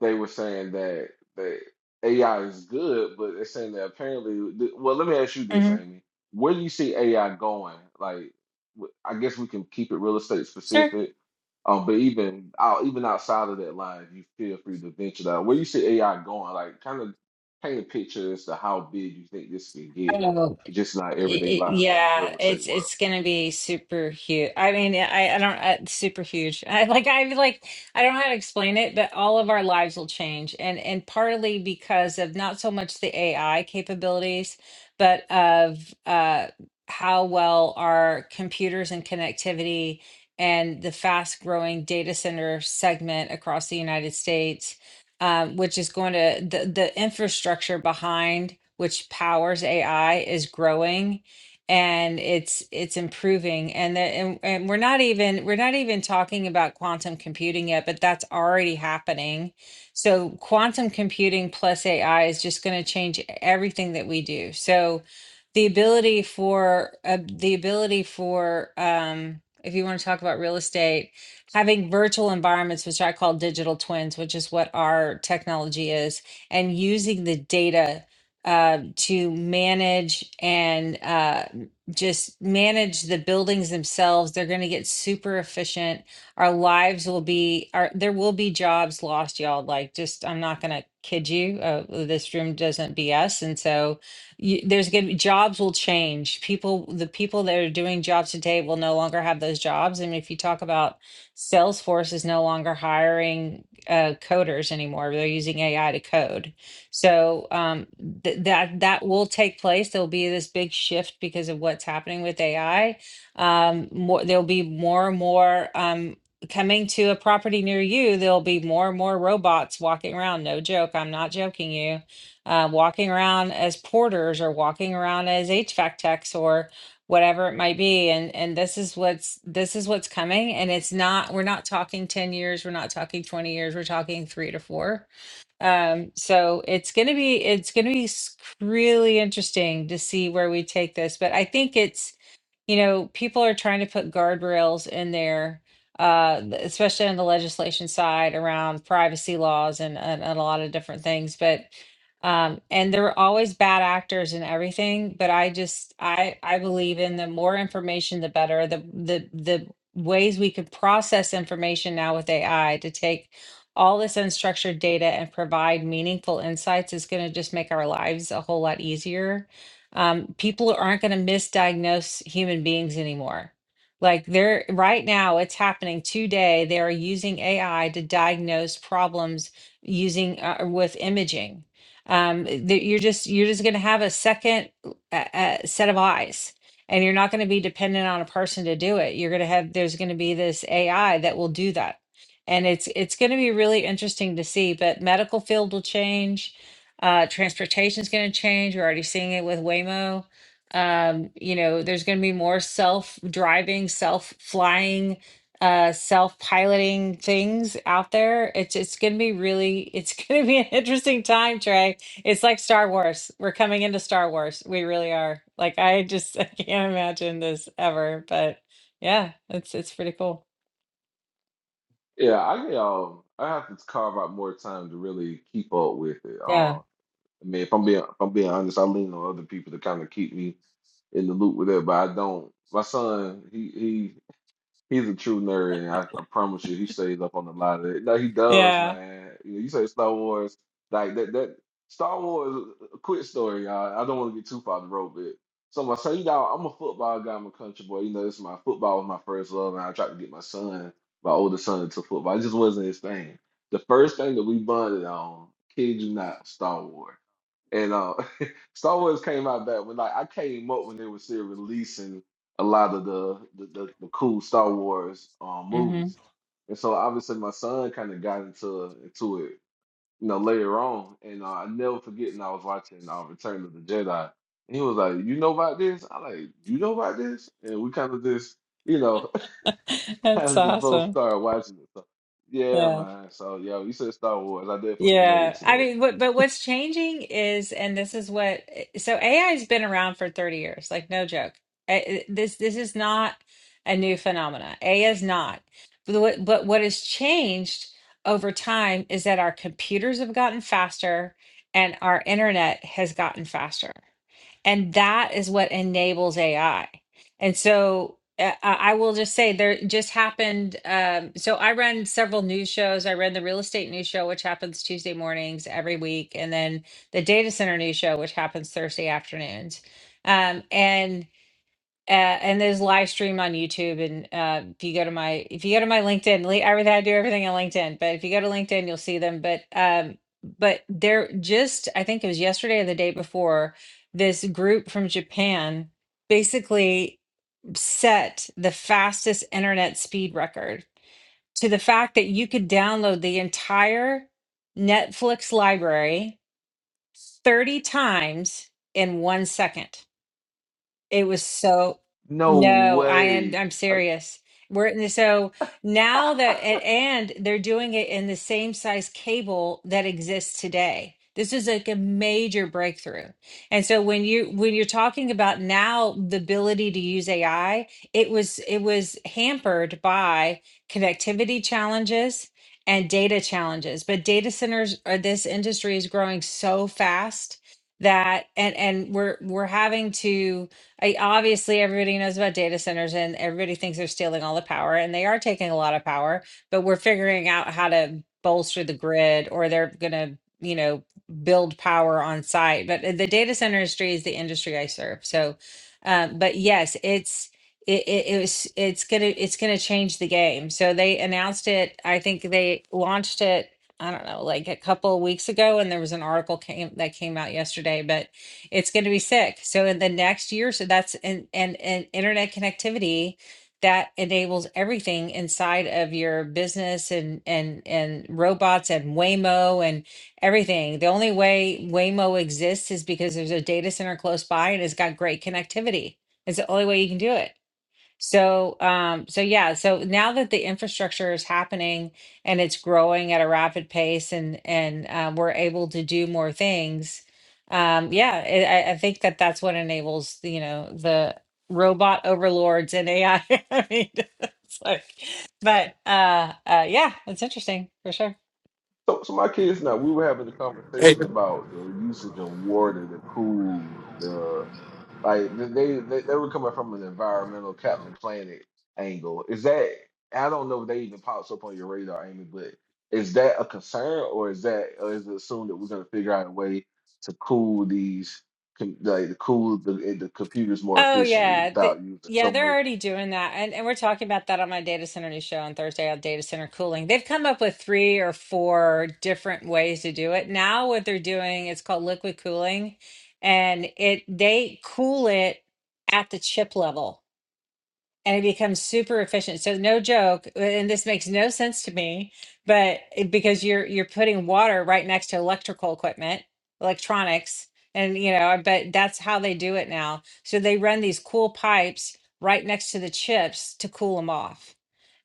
they were saying that that AI is good, but they're saying that apparently. Well, let me ask you this,
hmm
Amy: Where do you see AI going? Like, w- I guess we can keep it real estate
Sure.
specific, um, but even out even outside of that line, if you feel free to venture that. Where do you see AI going? Like, kind of paint a picture as to how big you think this can get,
Oh,
just in our everyday
It, it-
lives in the
yeah,
real estate
it's
world.
it's gonna be super huge. I mean, I I don't uh, super huge. I like I like I don't know how to explain it, but all of our lives will change, and and partly because of not so much the AI capabilities, but of uh how well our computers and connectivity and the fast growing data center segment across the United States um, which is going to the, the infrastructure behind which powers AI is growing and it's it's improving and the, and, and we're not even we're not even talking about quantum computing yet but that's already happening so quantum computing plus ai is just going to change everything that we do so the ability for uh, the ability for um if you want to talk about real estate having virtual environments, which I call digital twins, which is what our technology is, and using the data uh, to manage and uh, just manage the buildings themselves. They're going to get super efficient. Our lives will be, our, there will be jobs lost, y'all. Like, just, I'm not going to kid you. Uh, this room doesn't BS. And so, you, there's going to be jobs will change. People, the people that are doing jobs today will no longer have those jobs. And if you talk about Salesforce is no longer hiring uh, coders anymore. They're using AI to code. So um, th- that that will take place. There'll be this big shift because of what's happening with AI. Um, more, there'll be more and more um, coming to a property near you. There'll be more and more robots walking around. No joke. I'm not joking you. Uh, walking around as porters or walking around as HVAC techs or whatever it might be and and this is what's this is what's coming and it's not we're not talking 10 years we're not talking 20 years we're talking 3 to 4 um so it's going to be it's going to be s- really interesting to see where we take this but i think it's you know, people are trying to put guardrails in there, uh, th- especially on the legislation side around privacy laws and, and, and a lot of different things. But um, and there are always bad actors and everything. But I just I I believe in the more information, the better. The the the ways we could process information now with AI to take all this unstructured data and provide meaningful insights is going to just make our lives a whole lot easier um, people aren't going to misdiagnose human beings anymore. Like they're right now, it's happening today. They are using AI to diagnose problems using uh, with imaging. Um, that you're just you're just going to have a second uh, uh, set of eyes, and you're not going to be dependent on a person to do it. You're going to have there's going to be this AI that will do that, and it's it's going to be really interesting to see. But medical field will change uh, transportation is going to change. We're already seeing it with Waymo. Um, you know, there's going to be more self-driving, self-flying, uh, self-piloting things out there. It's it's going to be really it's going to be an interesting time, Trey. It's like Star Wars. We're coming into Star Wars. We really are. Like I just I can't imagine this ever, but yeah, it's it's pretty cool.
Yeah, I um, I have to carve out more time to really keep up with it.
Yeah.
Um, I mean, if I'm being if I'm being honest, I lean on other people to kind of keep me in the loop with it, but I don't. My son, he He's a true nerd, and I, I promise you, he stays up on a lot of it. No, he does,
Yeah.
man. You, know, you say Star Wars, like that. That Star Wars, a quick story, y'all. I don't want to get too far the road, but so I say, you know, I'm a football guy, I'm a country boy. You know, this is my football was my first love, and I tried to get my son, my older son, into football. It just wasn't his thing. The first thing that we bonded on, kid you not, Star Wars. And uh, Star Wars came out back when like I came up when they were still releasing a lot of the the, the, the cool Star Wars um,
hmm
movies, and so obviously my son kind of got into into it, you know, later on. And uh, I never forget, and I was watching uh, Return of the Jedi, and he was like, "You know about this?" I like, "You know about this?" And we kind of just, you know, kind
That's
of just both
awesome.
started watching it. So, yeah,
Yeah.
man. So yeah, you said Star Wars. I definitely relate
Yeah,
to
I
that.
mean, what, but what's changing is, and this is what, so AI has been around for 30 years, like no joke. A- This this is not a new phenomena. AI is not. But what, but what has changed over time is that our computers have gotten faster and our internet has gotten faster. And that is what enables AI. And so uh, I I will just say there just happened. Um, so I run several news shows. I run the real estate news show, which happens Tuesday mornings every week, and then the data center news show, which happens Thursday afternoons. Um, and uh, and there's live stream on YouTube. And uh, if you go to my if you go to my LinkedIn, li- everything I do everything on LinkedIn. But if you go to LinkedIn, you'll see them. But um, but there just I think it was yesterday or the day before this group from Japan basically set the fastest internet speed record to the fact that you could download the entire Netflix library 30 times in one second. It was so
No
no, I am I'm
way. Are-
serious. We're in the, so now that a- and they're doing it in the same size cable that exists today. This is like a major breakthrough. And so when you when you're talking about now the ability to use AI, it was it was hampered by connectivity challenges and data challenges. But data centers or this industry is growing so fast that and and we're we're having to I obviously everybody knows about data centers and everybody thinks they're stealing all the power and they are taking a lot of power, but we're figuring out how to bolster the grid or they're going to, you know, build power on site. But uh, the data center industry is the industry I serve. So, um, but yes, it's, it, it, it was it's gonna it's gonna change the game so they announced it i think they launched it i don't know like a couple of weeks ago and there was an article came that came out yesterday but it's going to be sick. So in the next year, so that's and and and internet connectivity that enables everything inside of your business and and and robots and Waymo and everything. The only way Waymo exists is because there's a data center close by and it's got great connectivity. It's the only way you can do it. So, um, so yeah, so now that the infrastructure is happening and it's growing at a rapid pace and and uh, we're able to do more things, um, yeah, it, I, I think that that's what enables, you know, the robot overlords and AI. I I mean, it's like, but uh, uh, yeah, it's interesting for sure.
So, so my kids now, we were having a
Hey.
conversation about the usage of water, the cool, the like th- they they, they were coming from an environmental Captain Planet angle. Is that I don't know if they even pops up on your radar, Amy, but is that a concern or is that or is it assumed that we're gonna figure out a way to cool these com- like to cool the eh, the computers more
Oh
efficiently
yeah, Th-
without using
yeah,
so much
they're already doing that, and and we're talking about that on my data center news show on Thursday on data center cooling. They've come up with three or four different ways to do it. Now what they're doing it's called liquid cooling, and it they cool it at the chip level and it becomes super efficient. So no joke, and this makes no sense to me, but it- because you're you're putting water right next to electrical equipment, electronics, and you know, I bet that's how they do it now. So they run these cool pipes right next to the chips to cool them off.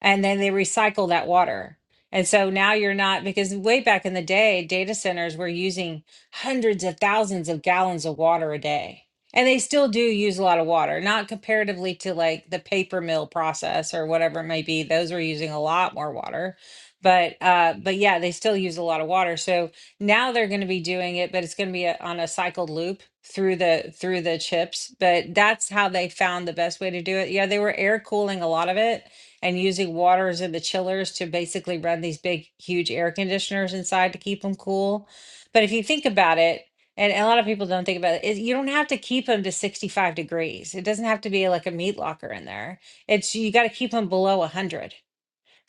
And then they recycle that water. And so now you're not because way back in the day, data centers were using hundreds of thousands of gallons of water a day and they still do use a lot of water, not comparatively to like the paper mill process or whatever it may be. Those are using a lot more water. But uh but yeah, they still use a lot of water. So now they're going to be doing it, but it's going to be a, on a cycled loop through the through the chips, but that's how they found the best way to do it. Yeah, they were air cooling a lot of it and using waters in the chillers to basically run these big huge air conditioners inside to keep them cool. But if you think about it, and a lot of people don't think about it. is You don't have to keep them to 65 degrees. It doesn't have to be like a meat locker in there. It's you got to keep them below 100.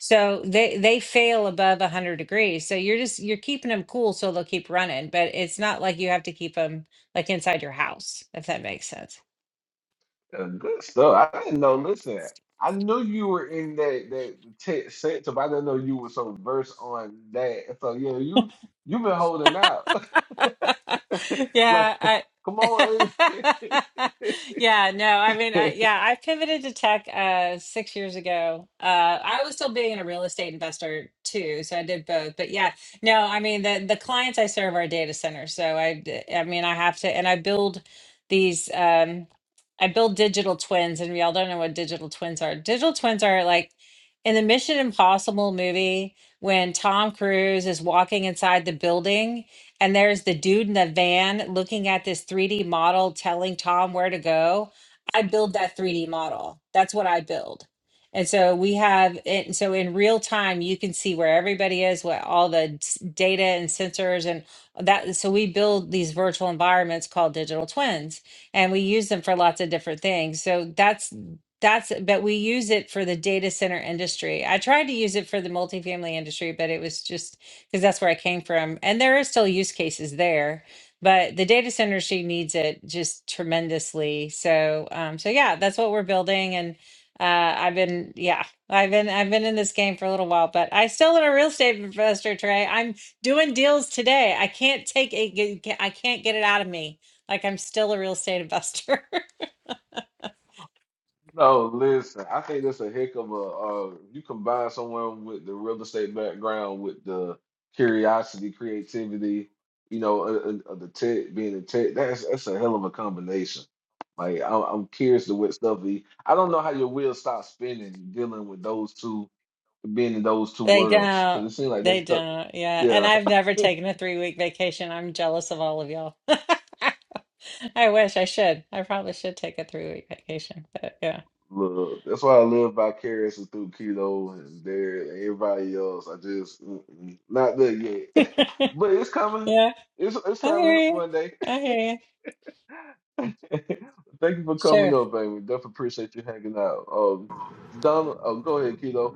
So they they fail above 100 degrees. So you're just you're keeping them cool so they'll keep running, but it's not like you have to keep them like inside your house, if that makes sense.
Uh, good stuff. I didn't know. Listen, I knew you were in that that tech sector, but I didn't know you were so versed on that. So yeah, you you've been holding out. like,
Yeah, I
come on, Amy.
Yeah, no, I mean, I, yeah, I pivoted to tech uh six years ago. Uh I was still being a real estate investor too, so I did both. But yeah, no, I mean the the clients I serve are data centers. So I d- I mean, I have to and I build these um I build digital twins and we all don't know what digital twins are. Digital twins are like in the Mission Impossible movie when Tom Cruise is walking inside the building and there's the dude in the van looking at this 3D model, telling Tom where to go. I build that 3D model. That's what I build. And so we have it. So in real time, you can see where everybody is, what all the s- data and sensors and that. So we build these virtual environments called digital twins, and we use them for lots of different things. So that's that's but we use it for the data center industry. I tried to use it for the multifamily industry, but it was just because that's where I came from. And there are still use cases there, but the data center industry needs it just tremendously. So, um, so yeah, that's what we're building. And uh, I've been, yeah, I've been, I've been in this game for a little while, but I still am a real estate investor, Trey. I'm doing deals today. I can't take it. I can't get it out of me. Like I'm still a real estate investor.
No, listen, I think that's a heck of a uh you combine someone with the real estate background with the curiosity, creativity, you know, uh, uh, uh, the tech being a tech, that's that's a hell of a combination. Like I'm, I'm curious to what stuff he, I don't know how your wheels stop spinning dealing with those two, being in those two
They
worlds,
don't.
because it seems like they
They
stuck.
don't. Yeah. And
Yeah.
I've never taken a three week vacation. I'm jealous of all of y'all. I wish I should. I probably should take a three week vacation, but yeah.
Look, that's why I live vicariously through Keto and there and everybody else. I just mm-mm, not there yet, but it's coming.
Yeah,
It's it's
I hear
coming
you.
one day.
I hear you.
Thank you for
Sure.
coming up, baby. Definitely appreciate you hanging out. Um, Donald, oh, go ahead, Keto.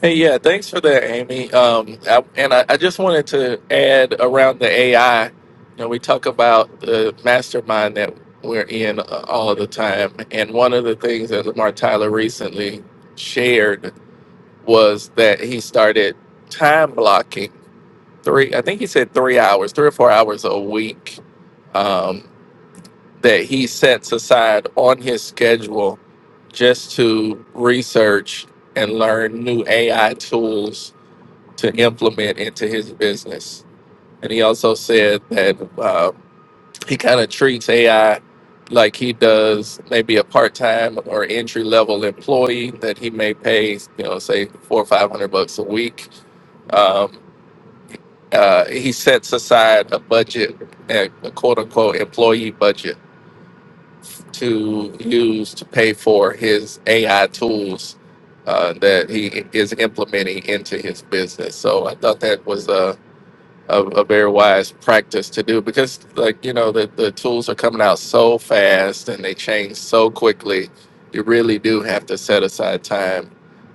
Hey, yeah, thanks for that, Amy. Um, I, and I, I just wanted to add around the AI. You know, we talk about the mastermind that we're in uh, all the time, and one of the things that Lamar Tyler recently shared was that he started time blocking three. I think he said three hours, three or four hours a week um, that he sets aside on his schedule just to research and learn new AI tools to implement into his business. And he also said that uh, he kind of treats AI like he does maybe a part-time or entry-level employee that he may pay, you know, say four or five hundred bucks a week. Um, uh, he sets aside a budget, a a quote-unquote employee budget, to use to pay for his AI tools uh, that he is implementing into his business. So I thought that was a a, a very wise practice to do because like you know the, the tools are coming out so fast and they change so quickly you really do have to set aside time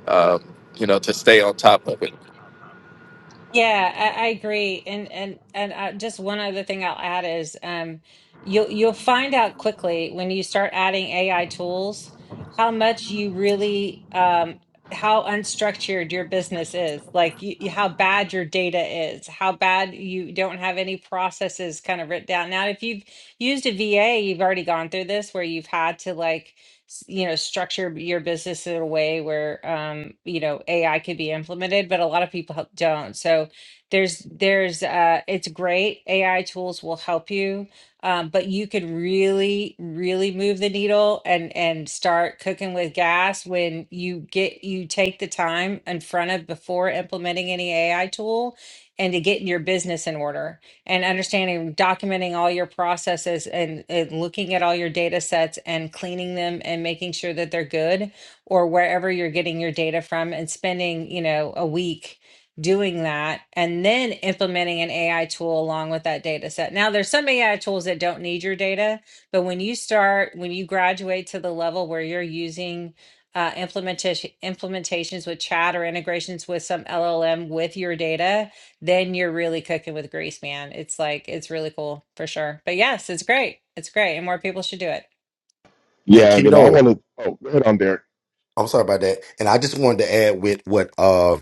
um, you know to stay on top of it
Yeah, I, I agree. And and and uh, just one other thing I'll add is um you'll you'll find out quickly when you start adding AI tools how much you really um how unstructured your business is, like you, you- how bad your data is, how bad you don't have any processes kind of written down. Now, if you've used a VA, you've already gone through this where you've had to like s- you know structure your business in a way where um you know ai could be implemented but a lot of people help- don't so there's there's uh it's great ai tools will help you um, but you could really really move the needle and and start cooking with gas when you get you take the time in front of before implementing any ai tool and to get your business in order and understanding, documenting all your processes and, and looking at all your data sets and cleaning them and making sure that they're good or wherever you're getting your data from and spending, you know, a week doing that and then implementing an AI tool along with that data set. Now there's some AI tools that don't need your data, but when you start, when you graduate to the level where you're using uh, implementation implementations with chat or integrations with some LLM with your data, then you're really cooking with grease, man. It's like it's really cool for sure. But yes, it's great. It's great, and more people should do it.
And
Yeah, and
keep
then I
it
want to. Oh, go ahead on Derek.
I'm sorry about that. And I just wanted to add with what uh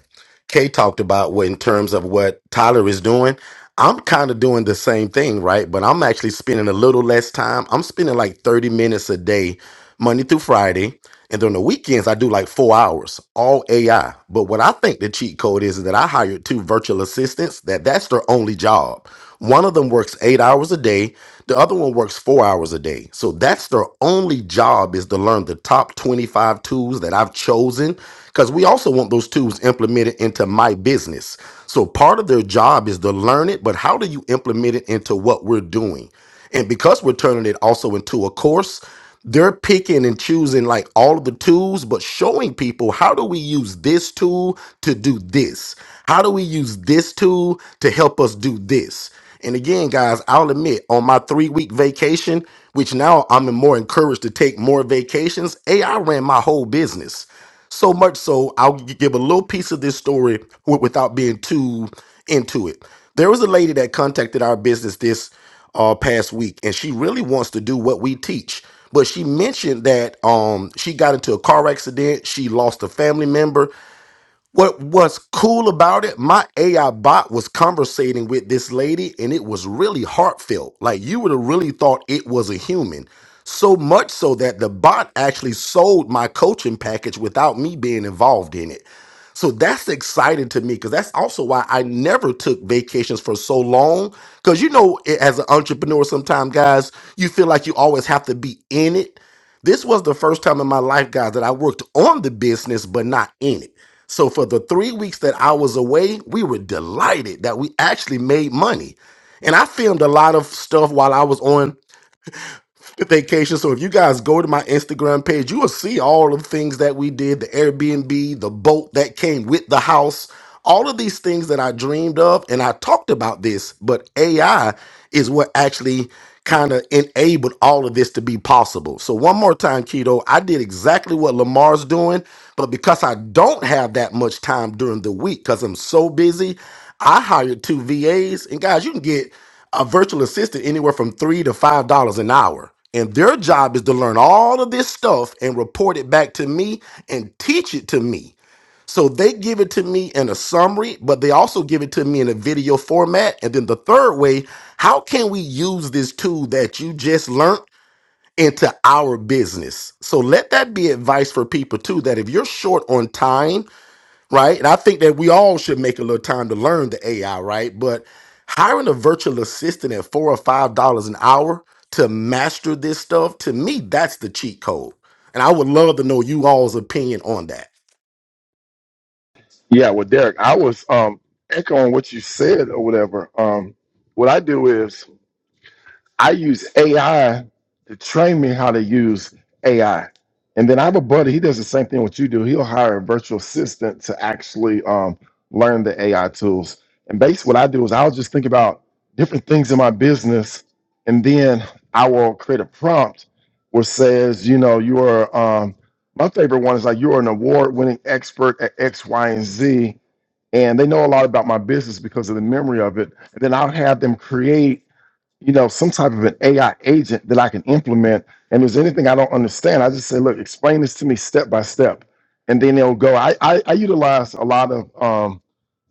Kay talked about what, in terms of what Tyler is doing. I'm kind of doing the same thing, right? But I'm actually spending a little less time. I'm spending like 30 minutes a day, Monday through Friday. And then on the weekends, I do like four hours, all AI. But what I think the cheat code is, is that I hired two virtual assistants that that's their only job. One of them works eight hours a day the other one works four hours a day. So that's their only job is to learn the top 25 tools that I've chosen because we also want those tools implemented into my business. So part of their job is to learn it, but how do you implement it into what we're doing? And because we're turning it also into a course, they're picking and choosing like all of the tools, but showing people how do we use this tool to do this? How do we use this tool to help us do this? And again, guys, I'll admit on my three week vacation, which now I'm more encouraged to take more vacations, AI ran my whole business. So much so, I'll g- give a little piece of this story wi- without being too into it. There was a lady that contacted our business this uh, past week, and she really wants to do what we teach. But she mentioned that um, she got into a car accident, she lost a family member, what what's cool about it, my AI bot was conversating with this lady and it was really heartfelt. Like you would have really thought it was a human. So much so that the bot actually sold my coaching package without me being involved in it. So that's exciting to me because that's also why I never took vacations for so long. Because you know, a- as an entrepreneur, sometimes guys, you feel like you always have to be in it. This was the first time in my life, guys, that I worked on the business but not in it. So for the three weeks that I was away, we were delighted that we actually made money. And I filmed a lot of stuff while I was on the vacation. So if you guys go to my Instagram page, you will see all of the things that we did, the Airbnb, the boat that came with the house, all of these things that I dreamed of. And I talked about this, but AI is what actually kind of enabled all of this to be possible. So one more time, Keto, I did exactly what Lamar's doing, but because I don't have that much time during the week because I'm so busy, I hired two VAs. And guys, you can get a virtual assistant anywhere from three to five dollars an hour. And their job is to learn all of this stuff and report it back to me and teach it to me. So they give it to me in a summary, but they also give it to me in a video format. And then the third way, how can we use this tool that you just learned into our business? So let that be advice for people too that if you're short on time, right? And I think that we all should make a little time to learn the AI, right? But hiring a virtual assistant at four or five dollars an hour to master this stuff, to me, that's the cheat code. And I would love to know you all's opinion on that.
Yeah, well, Derek, I was um echoing what you said or whatever. Um, what I do is I use AI to train me how to use AI. And then I have a buddy, he does the same thing what you do. He'll hire a virtual assistant to actually um, learn the AI tools. And basically, what I do is I'll just think about different things in my business, and then I will create a prompt where says, you know, you are, um, my favorite one is like, you're an award winning expert at X, Y, and Z. And they know a lot about my business because of the memory of it. And then I'll have them create you know, some type of an AI agent that I can implement. And if there's anything I don't understand, I just say, look, explain this to me step by step. And then they'll go. I, I, I utilize a lot of um,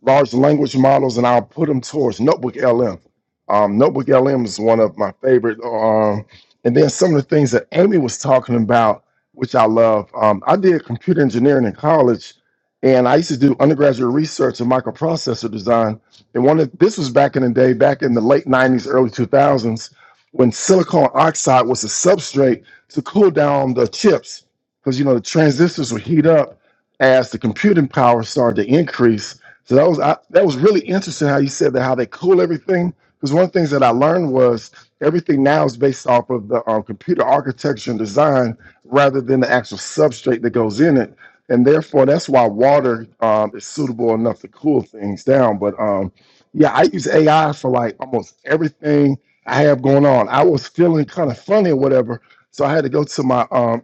large language models and I'll put them towards Notebook LM. Um, Notebook LM is one of my favorite. Um, and then some of the things that Amy was talking about, which I love. Um, I did computer engineering in college and I used to do undergraduate research in microprocessor design and one of this was back in the day, back in the late 90s, early 2000s, when silicon oxide was a substrate to cool down the chips. Because you know the transistors would heat up as the computing power started to increase. So that was I, that was really interesting how you said that how they cool everything. Because one of the things that I learned was everything now is based off of the um, computer architecture and design rather than the actual substrate that goes in it and therefore that's why water um, is suitable enough to cool things down. But um, yeah, I use AI for like almost everything I have going on. I was feeling kind of funny or whatever, so I had to go to my um,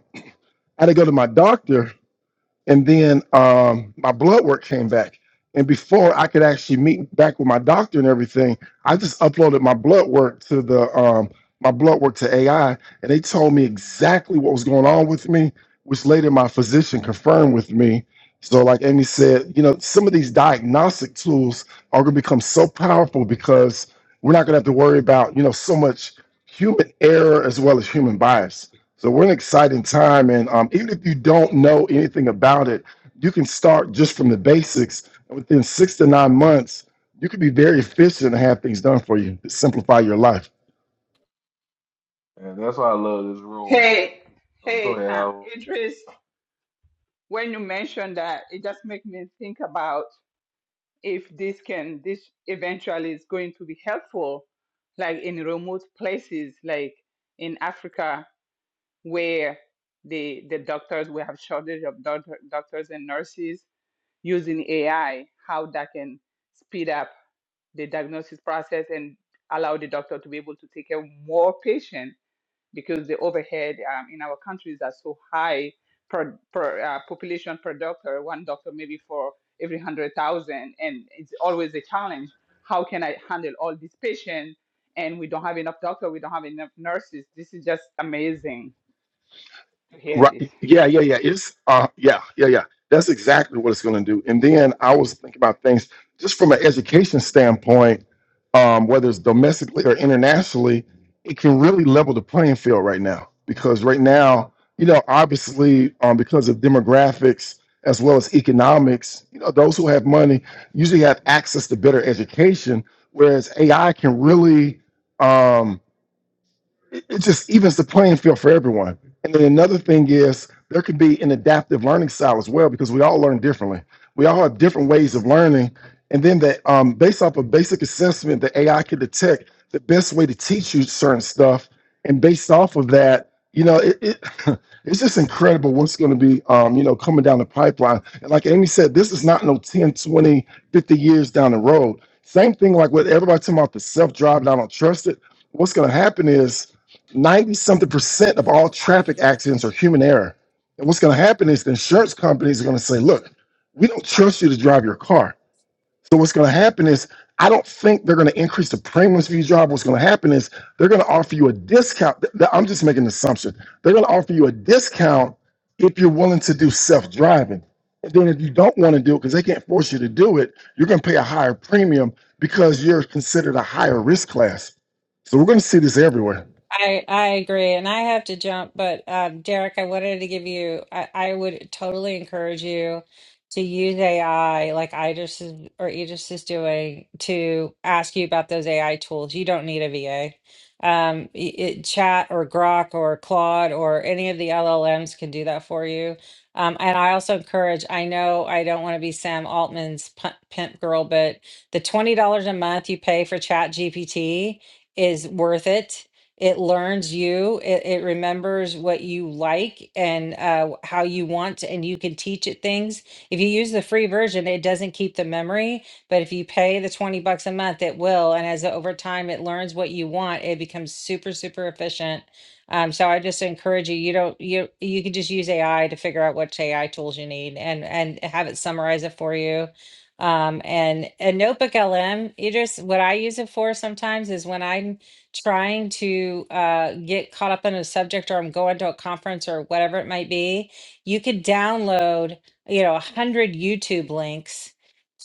I had to go to my doctor and then um, my blood work came back. And before I could actually meet back with my doctor and everything, I just uploaded my blood work to the um, my blood work to AI, and they told me exactly what was going on with me, which later my physician confirmed with me. So, like Amy said, you know, some of these diagnostic tools are going to become so powerful because we're not going to have to worry about you know so much human error as well as human bias so we're in an exciting time, and um, even if you don't know anything about it, you can start just from the basics. And within six to nine months, you can be very efficient and have things done for you to simplify your life.
And that's why I love this room, man.
Hey,
Oh, go
hey,
ahead,
um,
Howard.
Idris, when you mentioned that, it just made me think about if this can, this eventually is going to be helpful, like in remote places, like in Africa. where the the doctors will have shortage of doctor, doctors and nurses using AI, how that can speed up the diagnosis process and allow the doctor to be able to take care of more patients because the overhead um, in our countries are so high per, per uh, population per doctor, one doctor maybe for every 100,000. And it's always a challenge. How can I handle all these patients? And we don't have enough doctor, we don't have enough nurses. This is just amazing to hear this.
Right. Yeah, yeah, yeah. It's uh yeah, yeah, yeah. That's exactly what it's gonna do. And then I was thinking about things just from an education standpoint, um, whether it's domestically or internationally, it can really level the playing field right now. Because right now, you know, obviously, um, because of demographics as well as economics, you know, those who have money usually have access to better education, whereas AI can really um it it just evens the playing field for everyone. And then another thing is there can be an adaptive learning style as well because we all learn differently. We all have different ways of learning. And then that um, based off of basic assessment, the AI can detect the best way to teach you certain stuff. And based off of that, you know, it, it it's just incredible what's going to be, um, you know, coming down the pipeline. And like Amy said, this is not no 10, 20, 50 years down the road. Same thing like what everybody talking about the self-driving, I don't trust it what's going to happen is 90 something percent of all traffic accidents are human error. And what's going to happen is the insurance companies are going to say, look, we don't trust you to drive your car. So what's going to happen is, I don't think they're going to increase the premiums for you to drive. What's going to happen is they're going to offer you a discount. Th- th- I'm just making an assumption. They're going to offer you a discount if you're willing to do self-driving. And then if you don't want to do it because they can't force you to do it, you're going to pay a higher premium because you're considered a higher risk class. So we're going to see this everywhere.
I I agree, and I have to jump, but um, Derek, I wanted to give you. I, I would totally encourage you to use AI, like Idris is, or Idris is doing, to ask you about those AI tools. You don't need a VA. Um, i- it, Chat or Grok or Claude or any of the LLMs can do that for you. Um, and I also encourage. I know I don't want to be Sam Altman's pu- pimp girl, but the twenty dollars a month you pay for Chat GPT is worth it it learns you it, it remembers what you like and uh, how you want and you can teach it things if you use the free version it doesn't keep the memory but if you pay the 20 bucks a month it will and as over time it learns what you want it becomes super super efficient um, so i just encourage you you don't you you can just use ai to figure out which ai tools you need and and have it summarize it for you um, and and notebook lm you just what i use it for sometimes is when i'm trying to uh, get caught up in a subject or I'm going to a conference or whatever it might be, you could download, you know, a hundred YouTube links,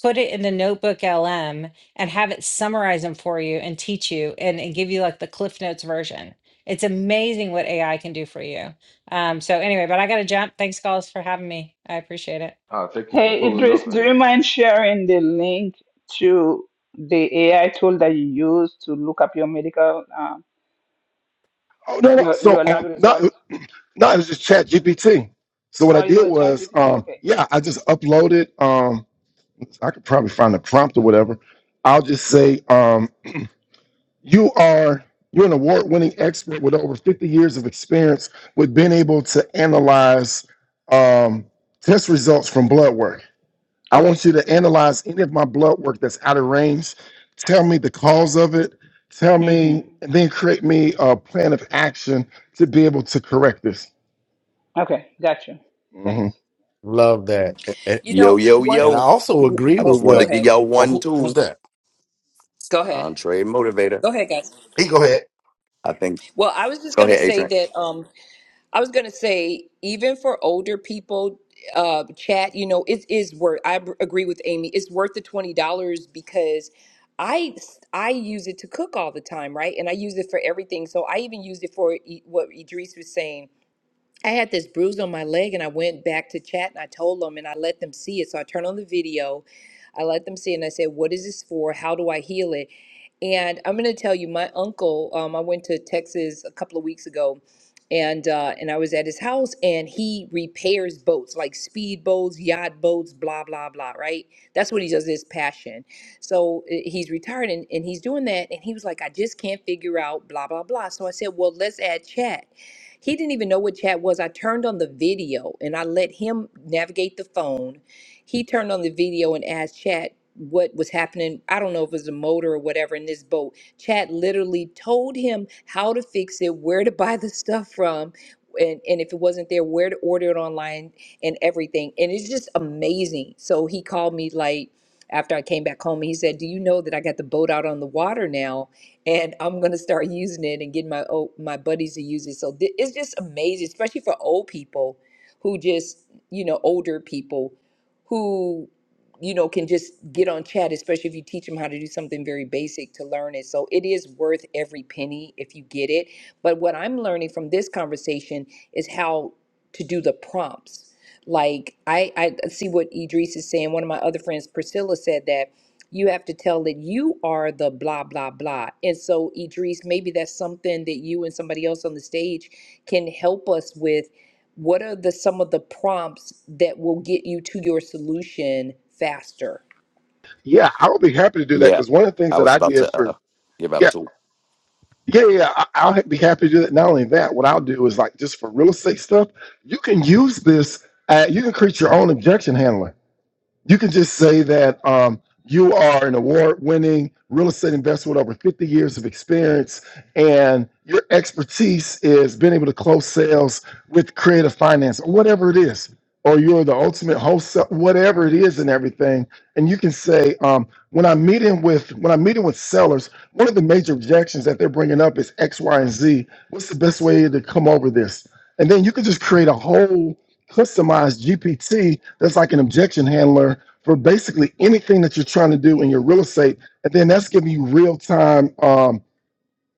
put it in the notebook LM and have it summarize them for you and teach you and, and give you like the Cliff Notes version. It's amazing what AI can do for you. Um, so anyway, but I gotta jump. Thanks, guys, for having me. I appreciate it.
Ah, thank you for
Hey,
pulling
Idris,
up,
do
and.
you mind sharing the link to the AI tool that you use to look up your medical, um,
Oh no, no.
your
So
your lab
um, not
results?
not it was just Chat GPT. So what I
Oh, you do
did
a chat
was
GPT?
um,
Okay.
yeah, I just uploaded um, I could probably find a prompt or whatever. I'll just say um, you are you're an award-winning expert with over 50 years of experience with being able to analyze um, test results from blood work. I
Okay.
want you to analyze any of my blood work that's out of range. Tell me the cause of it. Tell me,
Mm-hmm.
and then create me a plan of action to be able to correct this.
Okay. Gotcha.
hmm
Thanks.
Love that. A- a-
You
Yo,
know,
yo,
one
And I
yo.
also agree
I
oh,
with
just wanted
go
to
what.
give
ahead.
y'all
Oh,
one
who, who's
tool
that?
Go ahead.
on Trade Motivator.
Go ahead, guys.
Hey, go ahead.
I think,
Well, I was just
go
going to
ahead,
say
Adrian.
that um I was going to say even for older people uh chat, you know, it is worth I b- agree with Amy. It's worth the $20 because I I use it to cook all the time, right? And I use it for everything. So I even used it for e- what Idris was saying I had this bruise on my leg and I went back to chat and I told them and I let them see it. So I turned on the video. I let them see it and I said, What is this for? How do I heal it? And I'm going to tell you, my uncle, um, I went to Texas a couple of weeks ago and uh, and I was at his house and he repairs boats, like speed boats, yacht boats, blah, blah, blah, right? That's what he does, his passion. So uh, he's retired and, and he's doing that. And he was like, I just can't figure out, blah, blah, blah. So I said, Well, let's add chat. He didn't even know what chat was. I turned on the video and I let him navigate the phone. He turned on the video and asked chat what was happening. I don't know if it was a motor or whatever in this boat. Chat literally told him how to fix it, where to buy the stuff from. And, and if it wasn't there, where to order it online and everything. And it's just amazing. So he called me like after I came back home and he said, Do you know that I got the boat out on the water now? and I'm gonna start using it and getting my old, my buddies to use it. So thi- it's just amazing, especially for old people who just you know older people who you know can just get on chat, especially if you teach them how to do something very basic to learn it. So it is worth every penny if you get it. But what I'm learning from this conversation is how to do the prompts. Like I I see what Idris is saying. One of my other friends, Priscilla, said that you have to tell that you are the blah blah blah and so idris maybe that's something that you and somebody else on the stage can help us with what are the some of the prompts that will get you to your solution faster
Yeah, I would be happy to do that
Yeah,
because one of the things
I
that
was
I
about
did
to
for
uh, give out a
yeah
tool.
yeah yeah I, I'll ha- be happy to do that. Not only that, what I'll do is like just for real estate stuff, you can use this. Uh, you can create your own objection handler. you can just say that um, you are an award-winning real estate investor with over 50 years of experience, and your expertise is being able to close sales with creative finance or whatever it is. Or you're the ultimate host, whatever it is, and everything. And you can say, um, when I'm meeting with when I'm meeting with sellers, one of the major objections that they're bringing up is X, Y, and Z. What's the best way to come over this? And then you can just create a whole customized GPT that's like an objection handler for basically anything that you're trying to do in your real estate. And then that's giving you real time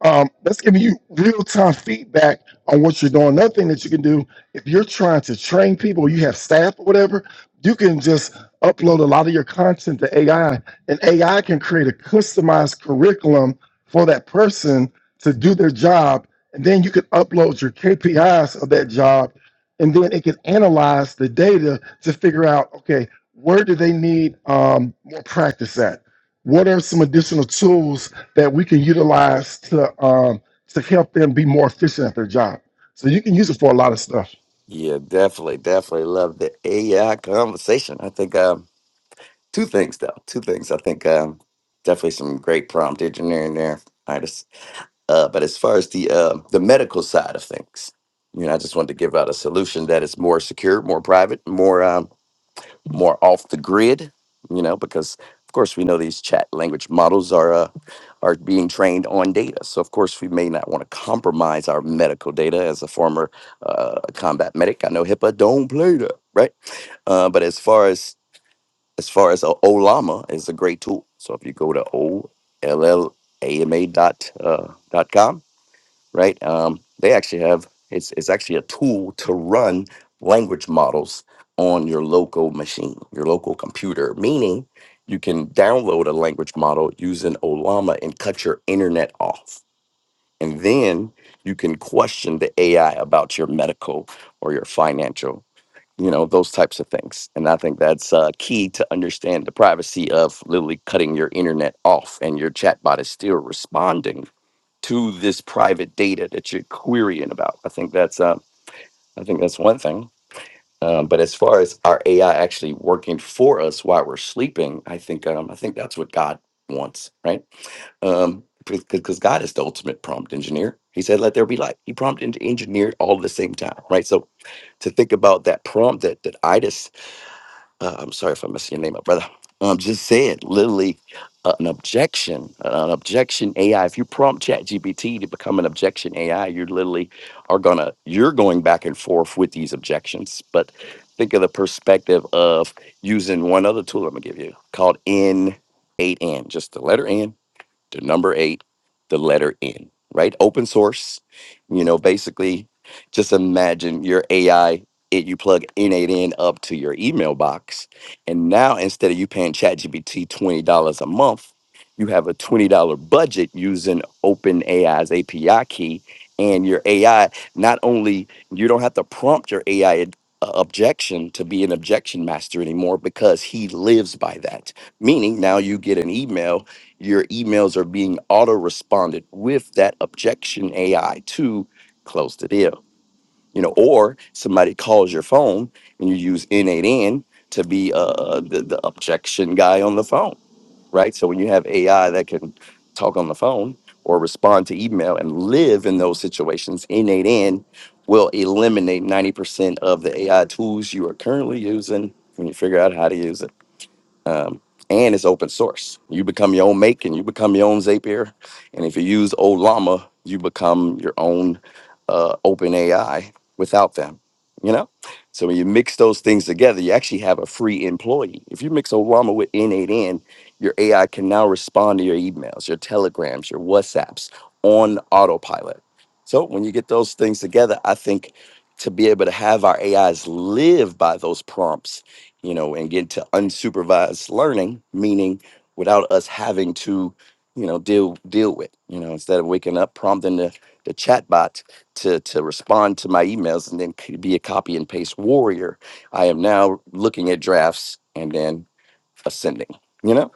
um, that's giving you real time feedback on what you're doing. Another thing that you can do if you're trying to train people, you have staff or whatever, you can just upload a lot of your content to AI, and AI can create a customized curriculum for that person to do their job. And then you can upload your KPIs of that job, and then it can analyze the data to figure out okay, where do they need um, more practice at? What are some additional tools that we can utilize to um, to help them be more efficient at their job. So you can use it for a lot of stuff.
Yeah, definitely, definitely love the AI conversation. I think um, two things, though. Two things. I think um, definitely some great prompt engineering there. I just Uh, but as far as the uh, the medical side of things, you know, I just wanted to give out a solution that is more secure, more private, more um, more off the grid, you know, because of course we know these chat language models are uh, are being trained on data. So of course we may not want to compromise our medical data. As a former uh, combat medic, I know HIPAA don't play that, right? Uh, but as far as as far as uh, Olama is a great tool. So if you go to O L L A M A dot uh, dot com right? Um, they actually have it's it's actually a tool to run language models on your local machine, your local computer. Meaning, you can download a language model using Olama and cut your internet off, and then you can question the AI about your medical or your financial. You know those types of things, and I think that's uh, key to understand the privacy of literally cutting your internet off, and your chatbot is still responding to this private data that you're querying about. I think that's uh, I think that's one thing. Um, but as far as our AI actually working for us while we're sleeping, I think um, I think that's what God wants, right? Um, because God is the ultimate prompt engineer. He said, "Let there be light." He prompted and engineered all at the same time, right? So to think about that prompt that that Ida uh, I'm sorry if I'm messing your name up, brother. Um, just said literally uh, an objection, uh, an objection AI. If you prompt ChatGPT to become an objection AI, you're literally are gonna you're going back and forth with these objections. But think of the perspective of using one other tool. I'm gonna give you called N8N, just the letter N the number eight, the letter N, right? Open source. You know, basically, just imagine your AI. It, you plug N8N up to your email box, and now instead of you paying ChatGPT twenty dollars a month, you have a twenty dollar budget using OpenAI's API key, and your AI not only you don't have to prompt your AI ad- uh, objection to be an objection master anymore because he lives by that. Meaning now you get an email your emails are being auto responded with that objection AI to close the deal. You know, or somebody calls your phone and you use N8N to be uh, uh, the, the objection guy on the phone, right? So when you have AI that can talk on the phone or respond to email and live in those situations, N8N will eliminate 90% of the AI tools you are currently using when you figure out how to use it um, and it's open source. You become your own make and you become your own Zapier. And if you use old Llama, you become your own uh, open AI without them, you know? So when you mix those things together, you actually have a free employee. If you mix old Llama with N8N, your AI can now respond to your emails, your telegrams, your WhatsApps on autopilot. So when you get those things together, I think to be able to have our AIs live by those prompts you know, and get to unsupervised learning, meaning without us having to, you know, deal deal with, you know, instead of waking up prompting the the chatbot to to respond to my emails and then c- be a copy and paste warrior, I am now looking at drafts and then ascending, you know?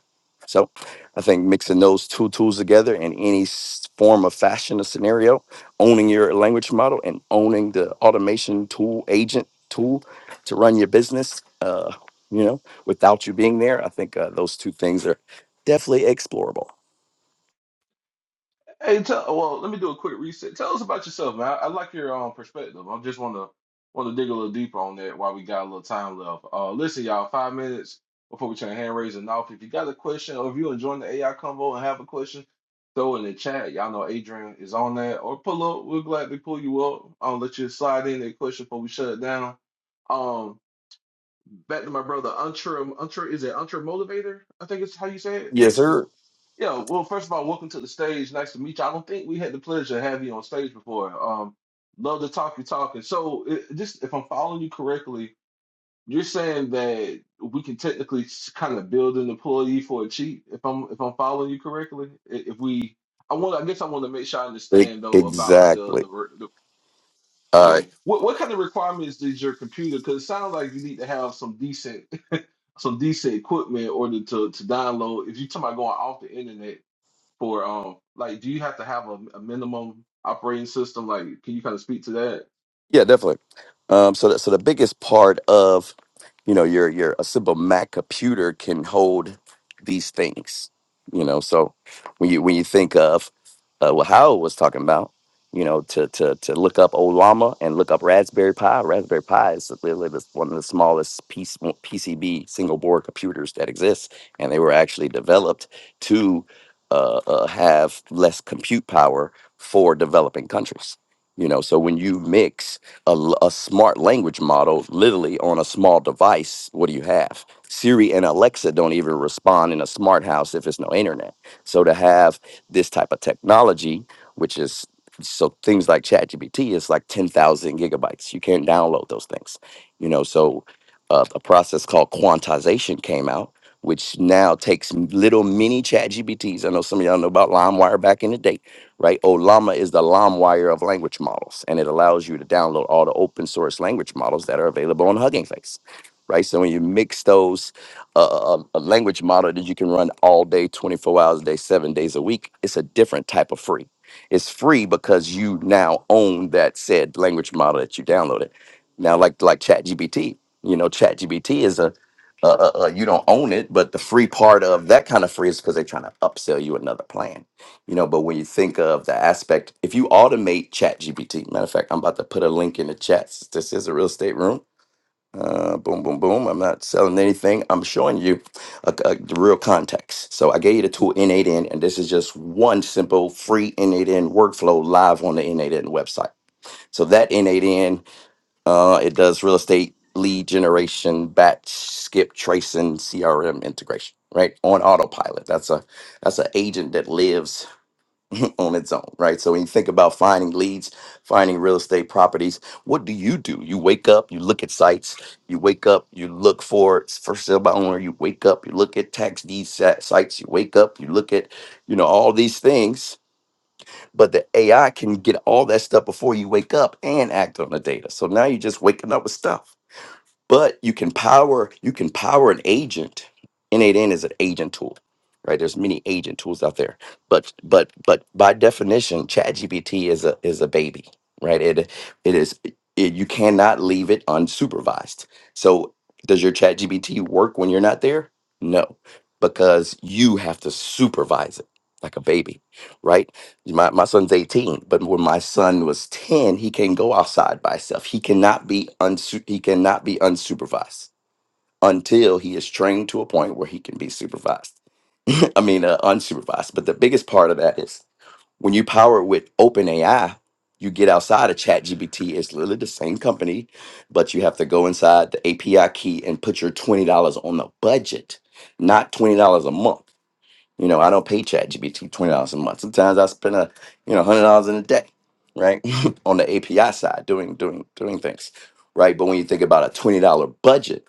So I think mixing those two tools together in any s- form of fashion or scenario, owning your language model and owning the automation tool, agent tool to run your business, uh, you know, without you being there, I think uh, those two things are definitely explorable.
Hey, tell, well, let me do a quick reset. Tell us about yourself, man. I, I like your um perspective. I just want to want to dig a little deeper on that while we got a little time left. Uh, listen, y'all, five minutes before we turn hand raising off. If you got a question or if you enjoying the AI convo and have a question, throw it in the chat. Y'all know Adrian is on that. Or pull up. We'll gladly pull you up. I'll let you slide in that question before we shut it down. Um, back to my brother, Untra. Untra is it Untra Motivator? I think it's how you say
Yes,
it.
sir.
Yeah, well, first of all, welcome to the stage. Nice to meet you. I don't think we had the pleasure of having you on stage before. Um, love to talk you talking. So, it, just if I'm following you correctly, you're saying that we can technically kind of build an employee for a cheat. If I'm if I'm following you correctly, I- if we, I want, I guess I want to make sure I
E-
understand though about the
exactly.
the, re- the
Uh,
okay, what what kind of requirements does your computer? Because it sounds like you need to have some decent some decent equipment in order to to download. If you're talking about going off the internet for um like do you have to have a, a minimum operating system like can you kind of speak to that
Yeah, definitely. Um, so, that, so the biggest part of, you know, your your a simple Mac computer can hold these things. You know, so when you when you think of uh, what Howard was talking about, you know, to to to look up old llama and look up Raspberry Pi. Raspberry Pi is literally the- one of the smallest piece, PCB single board computers that exists, and they were actually developed to uh, uh, have less compute power for developing countries you know so when you mix a, l- a smart language model literally on a small device, what do you have? Siri and Alexa don't even respond in a smart house if it's no internet. So to have this type of technology, which is so things like ChatGPT is like 10,000 gigabytes. You can't download those things, you know. So uh, a process called quantization came out, which now takes m- little mini ChatGPTs. I know some of y'all know about LimeWire back in the day right? Olama is the LaMWire of language models, and it allows you to download all the open source language models that are available on Hugging Face, right? So when you mix those, uh, uh, um, a language model that you can run all day, 24 hours a day, seven days a week, it's a different type of free. It's free because you now own that said language model that you downloaded. Now, like like ChatGPT, you know, ChatGPT is a uh, uh, uh, you don't own it, but the free part of that kind of free is because they're trying to upsell you another plan you know, but when you think of the aspect, if you automate Chat GPT, matter of fact, I'm about to put a link in the chat. This is a real estate room. Uh, boom, boom, boom. I'm not selling anything. I'm showing you a, a- the real context. So I gave you the tool N8N, and this is just one simple free N8N workflow live on the N8N website. So that N8N, uh, it does real estate lead generation, batch, skip tracing, CRM integration, right on autopilot. That's a that's an agent that lives on its own, right? So when you think about finding leads, finding real estate properties, what do you do? You wake up, you look at sites, you wake up, you look for it's for sale by owner, you wake up, you look at tax deed sa- sites, you wake up, you look at, you know, all these things, but the AI can get all that stuff before you wake up and act on the data. So now you're just waking up with stuff but you can power you can power an agent n8n is an agent tool right there's many agent tools out there but but but by definition ChatGPT is a is a baby right it it is it, you cannot leave it unsupervised so does your ChatGPT work when you're not there no because you have to supervise it like a baby right my, my son's 18, but when my son was 10, he can go outside by himself. He cannot be unsu- he cannot be unsupervised until he is trained to a point where he can be supervised. I mean, uh, unsupervised. But the biggest part of that is when you power it with open AI, you get outside of ChatGPT. It's literally the same company, but you have to go inside the API key and put your $20 on the budget, not $20 a month. You know, I don't pay ChatGPT twenty dollars a month. Sometimes I spend a you know hundred dollars in a day, right, on the API side doing doing doing things, right. But when you think about a twenty dollar budget,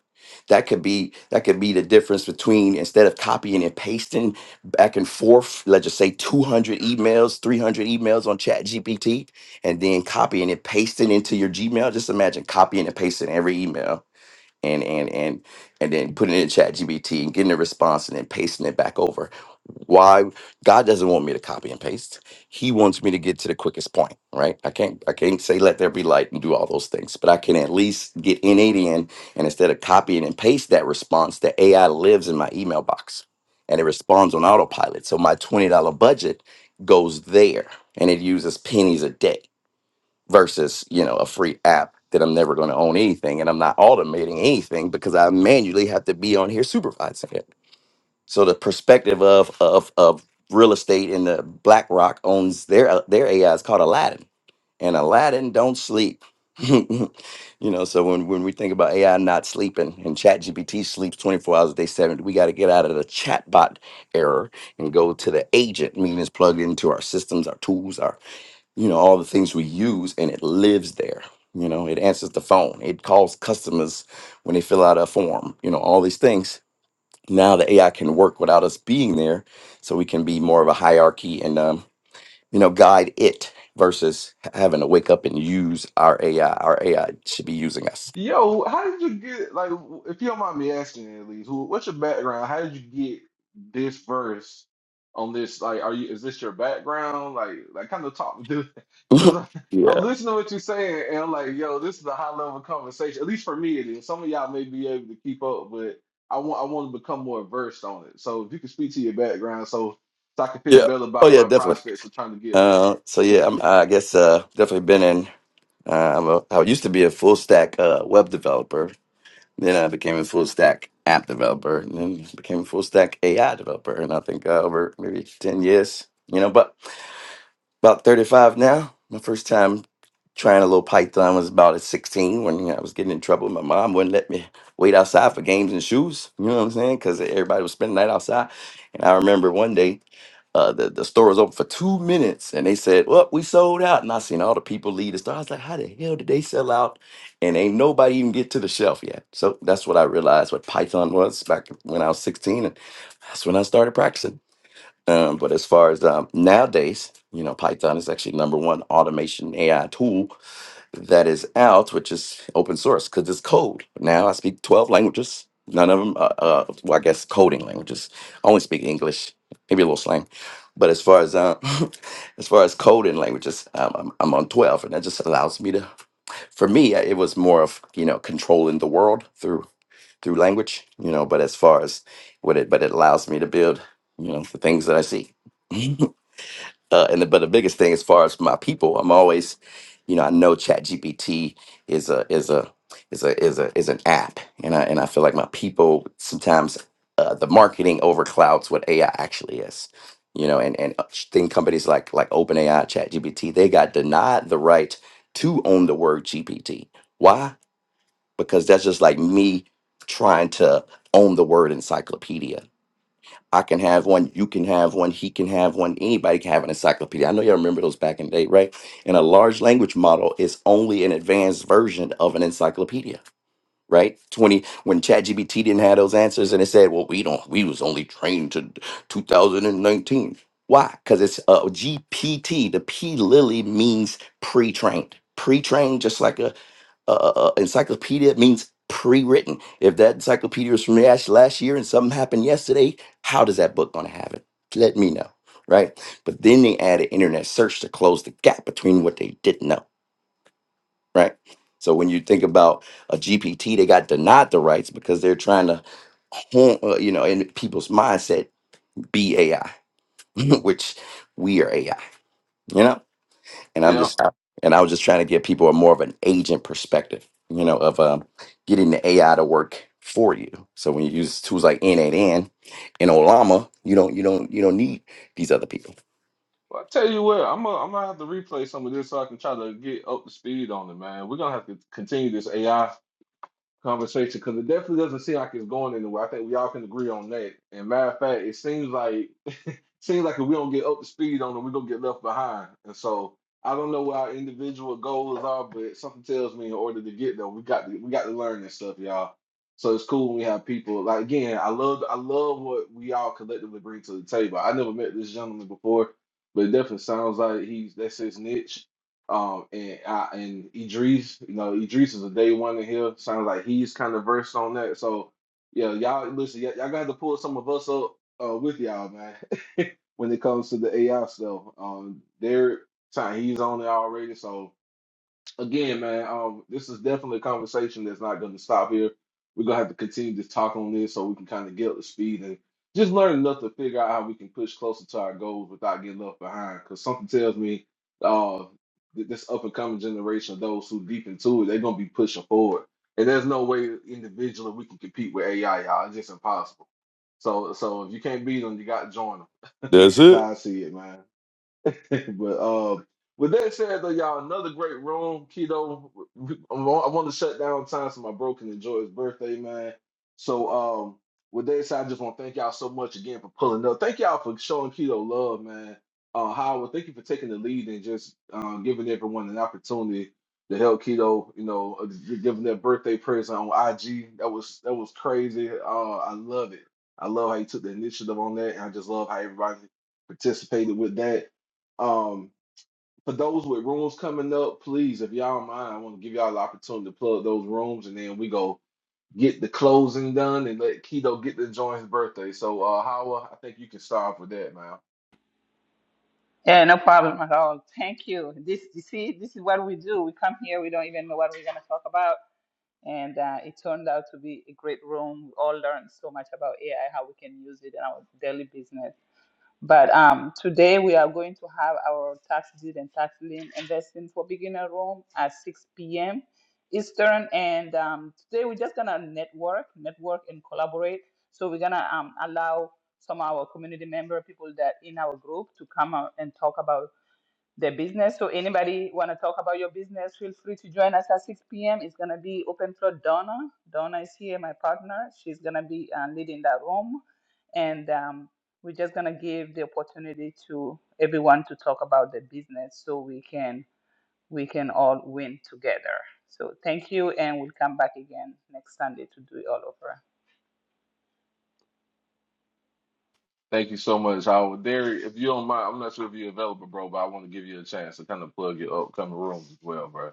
that could be that could be the difference between instead of copying and pasting back and forth, let's just say two hundred emails, three hundred emails on ChatGPT, and then copying and pasting into your Gmail. Just imagine copying and pasting every email and and and and then putting it in chat gbt and getting a response and then pasting it back over why god doesn't want me to copy and paste he wants me to get to the quickest point right i can't i can't say let there be light and do all those things but i can at least get in it in and instead of copying and paste that response the ai lives in my email box and it responds on autopilot so my $20 budget goes there and it uses pennies a day versus you know a free app that I'm never going to own anything and I'm not automating anything because I manually have to be on here supervising it. So the perspective of of of real estate and the BlackRock owns their uh, their AI is called Aladdin, and Aladdin don't sleep. you know, so when when we think about AI not sleeping and ChatGPT sleeps 24 hours a day, seven, we got to get out of the chatbot error and go to the agent, meaning it's plugged into our systems, our tools, our you know all the things we use and it lives there you know it answers the phone it calls customers when they fill out a form you know all these things now the ai can work without us being there so we can be more of a hierarchy and um, you know guide it versus h- having to wake up and use our ai our ai should be using us
yo how did you get like if you don't mind me asking at least who, what's your background how did you get this verse on this like are you is this your background like like kind of talk to because I'm,
yeah
I'm listening to what you're saying and I'm like yo this is a high level conversation at least for me it is some of y'all may be able to keep up but I want I want to become more versed on it so if you can speak to your background so so I can feel
yeah
better
oh
about
yeah
my
definitely
prospects of trying to get
uh, so yeah I'm, i guess uh, definitely been in uh, I'm a, i used to be a full stack uh, web developer Then I became a full stack app developer, and then became a full stack AI developer. And I think uh, over maybe ten years, you know, but about thirty five now. My first time trying a little Python was about at sixteen when you know, I was getting in trouble. My mom wouldn't let me wait outside for games and shoes. You know what I'm saying? Because everybody was spending the night outside. And I remember one day uh, the, the store was open for two minutes and they said, Well, we sold out. And I seen all the people leave the store. I was like, How the hell did they sell out? And ain't nobody even get to the shelf yet. So that's what I realized what Python was back when I was 16. And that's when I started practicing. Um, but as far as um, nowadays, you know, Python is actually number one automation AI tool that is out, which is open source because it's code. Now I speak 12 languages. None of them, uh, uh, well, I guess coding languages. I only speak English, maybe a little slang. But as far as uh, as far as coding languages, um, I'm, I'm on 12, and that just allows me to. For me, it was more of you know controlling the world through through language, you know. But as far as what it, but it allows me to build, you know, the things that I see uh, and the, but the biggest thing as far as my people, I'm always, you know, I know ChatGPT is a is a is a is a is an app, and I and I feel like my people sometimes uh, the marketing overclouds what AI actually is, you know, and and think companies like like OpenAI, ChatGPT, they got denied the right to own the word GPT. Why? Because that's just like me trying to own the word encyclopedia I can have one, you can have one, he can have one, anybody can have an encyclopedia. I know y'all remember those back in the day, right? And a large language model is only an advanced version of an encyclopedia, right? 20 when ChatGPT didn't have those answers and it said, "Well, we don't we was only trained to 2019." Why? Cuz it's a GPT. The P Lily means pre-trained. Pre-trained just like a uh, uh, uh, encyclopedia means pre-written. If that encyclopedia was from last, last year and something happened yesterday, how does that book going to have it? Let me know, right? But then they added internet search to close the gap between what they didn't know, right? So when you think about a GPT, they got denied the rights because they're trying to, hone- uh, you know, in people's mindset, be AI, which we are AI, you know? and I'm
Yeah.
just and I was just trying to give people a more of an agent perspective, you know, of um, getting the AI to work for you. So when you use tools like N8N and Olama, you don't you don't you don't need these other people.
Well, I tell you what, I'm gonna I'm gonna have to replay some of this so I can try to get up to speed on it, man. We're gonna have to continue this AI conversation because it definitely doesn't seem like it's going anywhere. I think we all can agree on that. And matter of fact, it seems like seems like if we don't get up to speed on them, we're gonna get left behind. And so I don't know what our individual goals are, but something tells me in order to get there, we got to we got to learn this stuff, y'all. So it's cool when we have people like again, I love I love what we all collectively bring to the table. I never met this gentleman before, but it definitely sounds like he's that's his niche. Um and I and Idris, you know, Idris is a day one in here. Sounds like he's kind of versed on that. So yeah, y'all listen, y'all, y'all gonna to pull some of us up uh, with y'all, man. when it comes to the AI stuff. Um, they're sorry, he's on it already. So again, man, um, this is definitely a conversation that's not going to stop here. We're gonna have to continue to talk on this so we can kind of get up to speed and just learn enough to figure out how we can push closer to our goals without getting left behind. Because something tells me, uh, th- this up and coming generation, those who deep into it, they're gonna be pushing forward. And there's no way individually we can compete with AI, y'all. It's just impossible. So, so if you can't beat them, you got to join them.
That's
That's
it.
how I see it, man. but um, with that said, though, y'all, another great room, keto. I want to shut down time so my bro can enjoy his birthday, man. So um, with that said, I just want to thank y'all so much again for pulling up. Thank y'all for showing keto love, man. Uh, Howard, thank you for taking the lead and just um, giving everyone an opportunity to help keto. You know, uh, giving their birthday prayers on IG. That was that was crazy. Uh, I love it. I love how you took the initiative on that, and I just love how everybody participated with that. Um, for those with rooms coming up, please, if y'all don't mind, I want to give y'all the opportunity to plug those rooms, and then we go get the closing done and let Keto get to join his birthday. So, uh, Howard, I think you can start with that, man.
Yeah, no problem at all. Thank you. This, you see, this is what we do. We come here, we don't even know what we're going to talk about. And uh, it turned out to be a great room. We all learned so much about AI, how we can use it in our daily business. But um, today we are going to have our tax deed and tax lien investing for beginner room at 6 p.m. Eastern. And um, today we're just gonna network, network and collaborate. So we're gonna um, allow some of our community member people that in our group to come out and talk about the business. So anybody want to talk about your business, feel free to join us at 6 p.m. It's going to be open floor Donna. Donna is here, my partner. She's going to be uh, leading that room. And um, we're just going to give the opportunity to everyone to talk about the business so we can we can all win together. So thank you, and we'll come back again next Sunday to do it all over.
Thank you so much, Howard. Derry, if you don't mind, I'm not sure if you're available, bro, but I want to give you a chance to kind of plug your upcoming rooms as well, bro.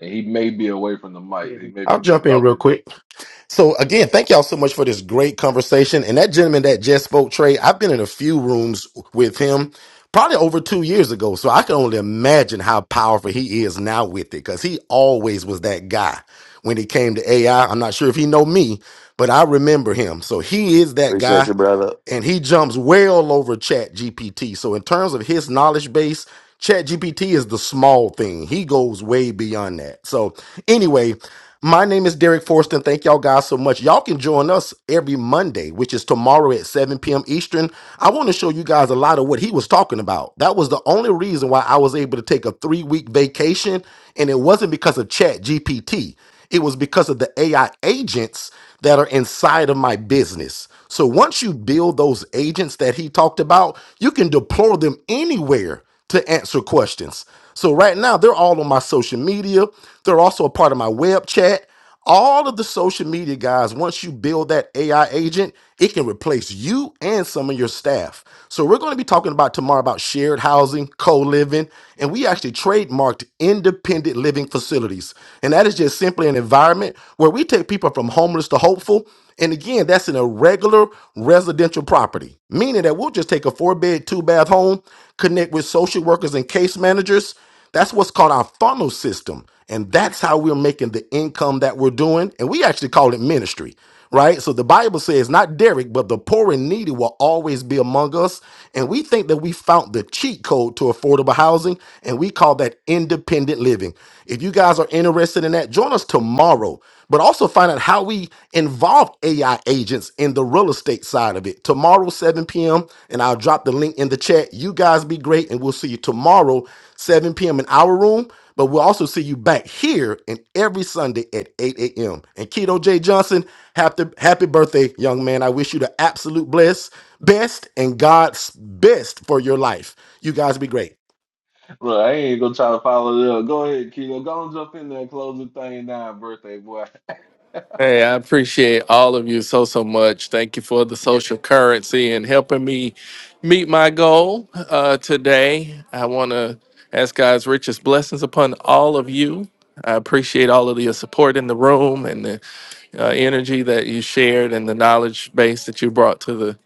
And he may be away from the mic. He may
I'll
be
jump
getting
in
okay.
real quick. So again, thank y'all so much for this great conversation. And that gentleman that just spoke, Trey, I've been in a few rooms with him probably over two years ago. So I can only imagine how powerful he is now with it because he always was that guy when it came to AI. I'm not sure if he know me, but I remember him. So he is that
Appreciate
guy
you, brother.
and he jumps well over chat gpt so in terms of his knowledge base chat gpt is the small thing he goes way beyond that so anyway my name is derek forston thank y'all guys so much y'all can join us every monday which is tomorrow at 7 p.m eastern i want to show you guys a lot of what he was talking about that was the only reason why i was able to take a three week vacation and it wasn't because of chat gpt it was because of the AI agents that are inside of my business. So once you build those agents that he talked about, you can deploy them anywhere to answer questions. So right now, they're all on my social media. They're also a part of my web chat. All of the social media guys, once you build that AI agent, it can replace you and some of your staff. So we're going to be talking about tomorrow about shared housing, co-living, and we actually trademarked independent living facilities. And that is just simply an environment where we take people from homeless to hopeful. And again, that's in a regular residential property, meaning that we'll just take a four bed, two bath home, connect with social workers and case managers. That's what's called our funnel system. And that's how we're making the income that we're doing. And we actually call it ministry, right? So the Bible says, not Derek, but the poor and needy will always be among us. And we think that we found the cheat code to affordable housing, and we call that independent living. If you guys are interested in that, join us tomorrow. But also find out how we involve AI agents in the real estate side of it. Tomorrow, 7 p.m., and I'll drop the link in the chat. You guys be great, and we'll see you tomorrow. 7 p.m. in our room, but we'll also see you back here and every Sunday at 8 a.m. And Keto J. Johnson, happy, happy birthday, young man. I wish you the absolute bless, best and God's best for your life. You guys be great.
Look, I ain't gonna try to follow it up. Go ahead, Keto. Go and jump in there and close the thing down, birthday boy.
hey i appreciate all of you so so much thank you for the social currency and helping me meet my goal uh, today i want to ask god's richest blessings upon all of you i appreciate all of your support in the room and the uh, energy that you shared and the knowledge base that you brought to the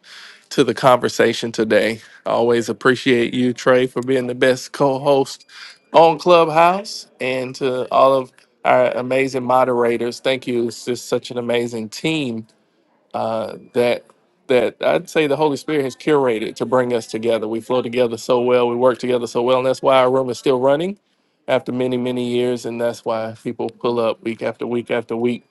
to the conversation today. I always appreciate you, Trey, for being the best co-host on Clubhouse, and to all of our amazing moderators. Thank you. It's just such an amazing team uh, that that I'd say the Holy Spirit has curated to bring us together. We flow together so well. We work together so well, and that's why our room is still running after many many years, and that's why people pull up week after week after week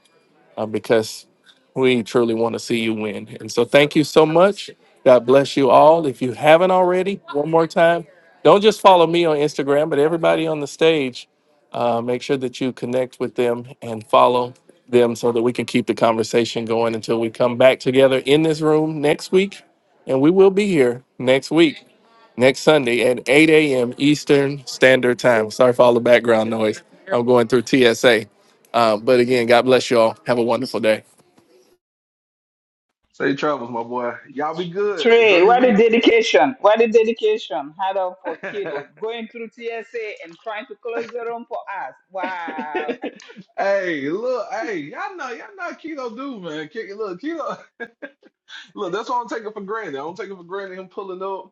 uh, because we truly want to see you win. And so, thank you so much. God bless you all. If you haven't already, one more time, don't just follow me on Instagram, but everybody on the stage, uh, make sure that you connect with them and follow them so that we can keep the conversation going until we come back together in this room next week. And we will be here next week, next Sunday at 8 a.m. Eastern Standard Time. Sorry for all the background noise. I'm going through TSA. Uh, but again, God bless you all. Have a wonderful day.
Safe travels, my boy. Y'all be good. Enjoy
Trey,
your
what a
week.
dedication. What a dedication. Hard up for
hey,
Kiro. Going through TSA and trying to close the room for us. Wow.
look, hey, y'all know, y'all know keto do, man. Ke- Look, keto, look, that's why I'm taking for granted. I don't take it for granted him pulling up,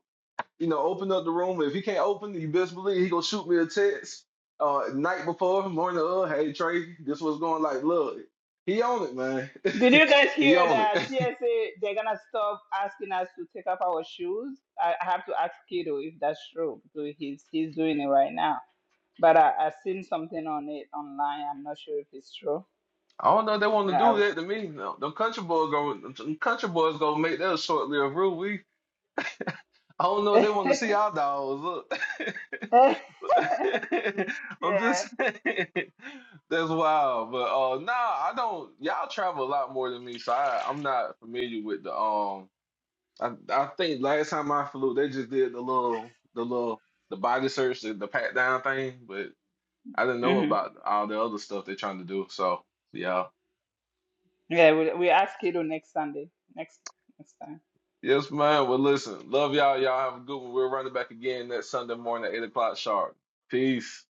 you know, open up the room. If he can't open it, you best believe he gonna shoot me a text uh night before, morning of, hey Trey, this was going like, look, he on it, man.
Did you guys
he
hear
on it.
that TSA, they're going to stop asking us to take off our shoes? I, I have to ask Kiro if that's true. So he's, he's doing it right now. But I, I've seen something on it online. I'm not sure if it's true.
I don't know if they want
But
to do
I,
that to me. No, them country boys go, them country boys gonna make that a short lived rule. I don't know if they want to see our dogs. Look. I'm
yeah.
just saying that's wild. But uh nah, I don't y'all travel a lot more than me, so I, I'm not familiar with the um I I think last time I flew they just did the little the little the body search, the, the pat down thing, but I didn't know
hmm
about all the other stuff they're trying to do. So yeah.
Yeah, we, we ask Kiro next Sunday. Next, next time.
Yes, man. Well listen, love y'all. Y'all have a good one. We're running back again next Sunday morning at eight o'clock sharp. Peace.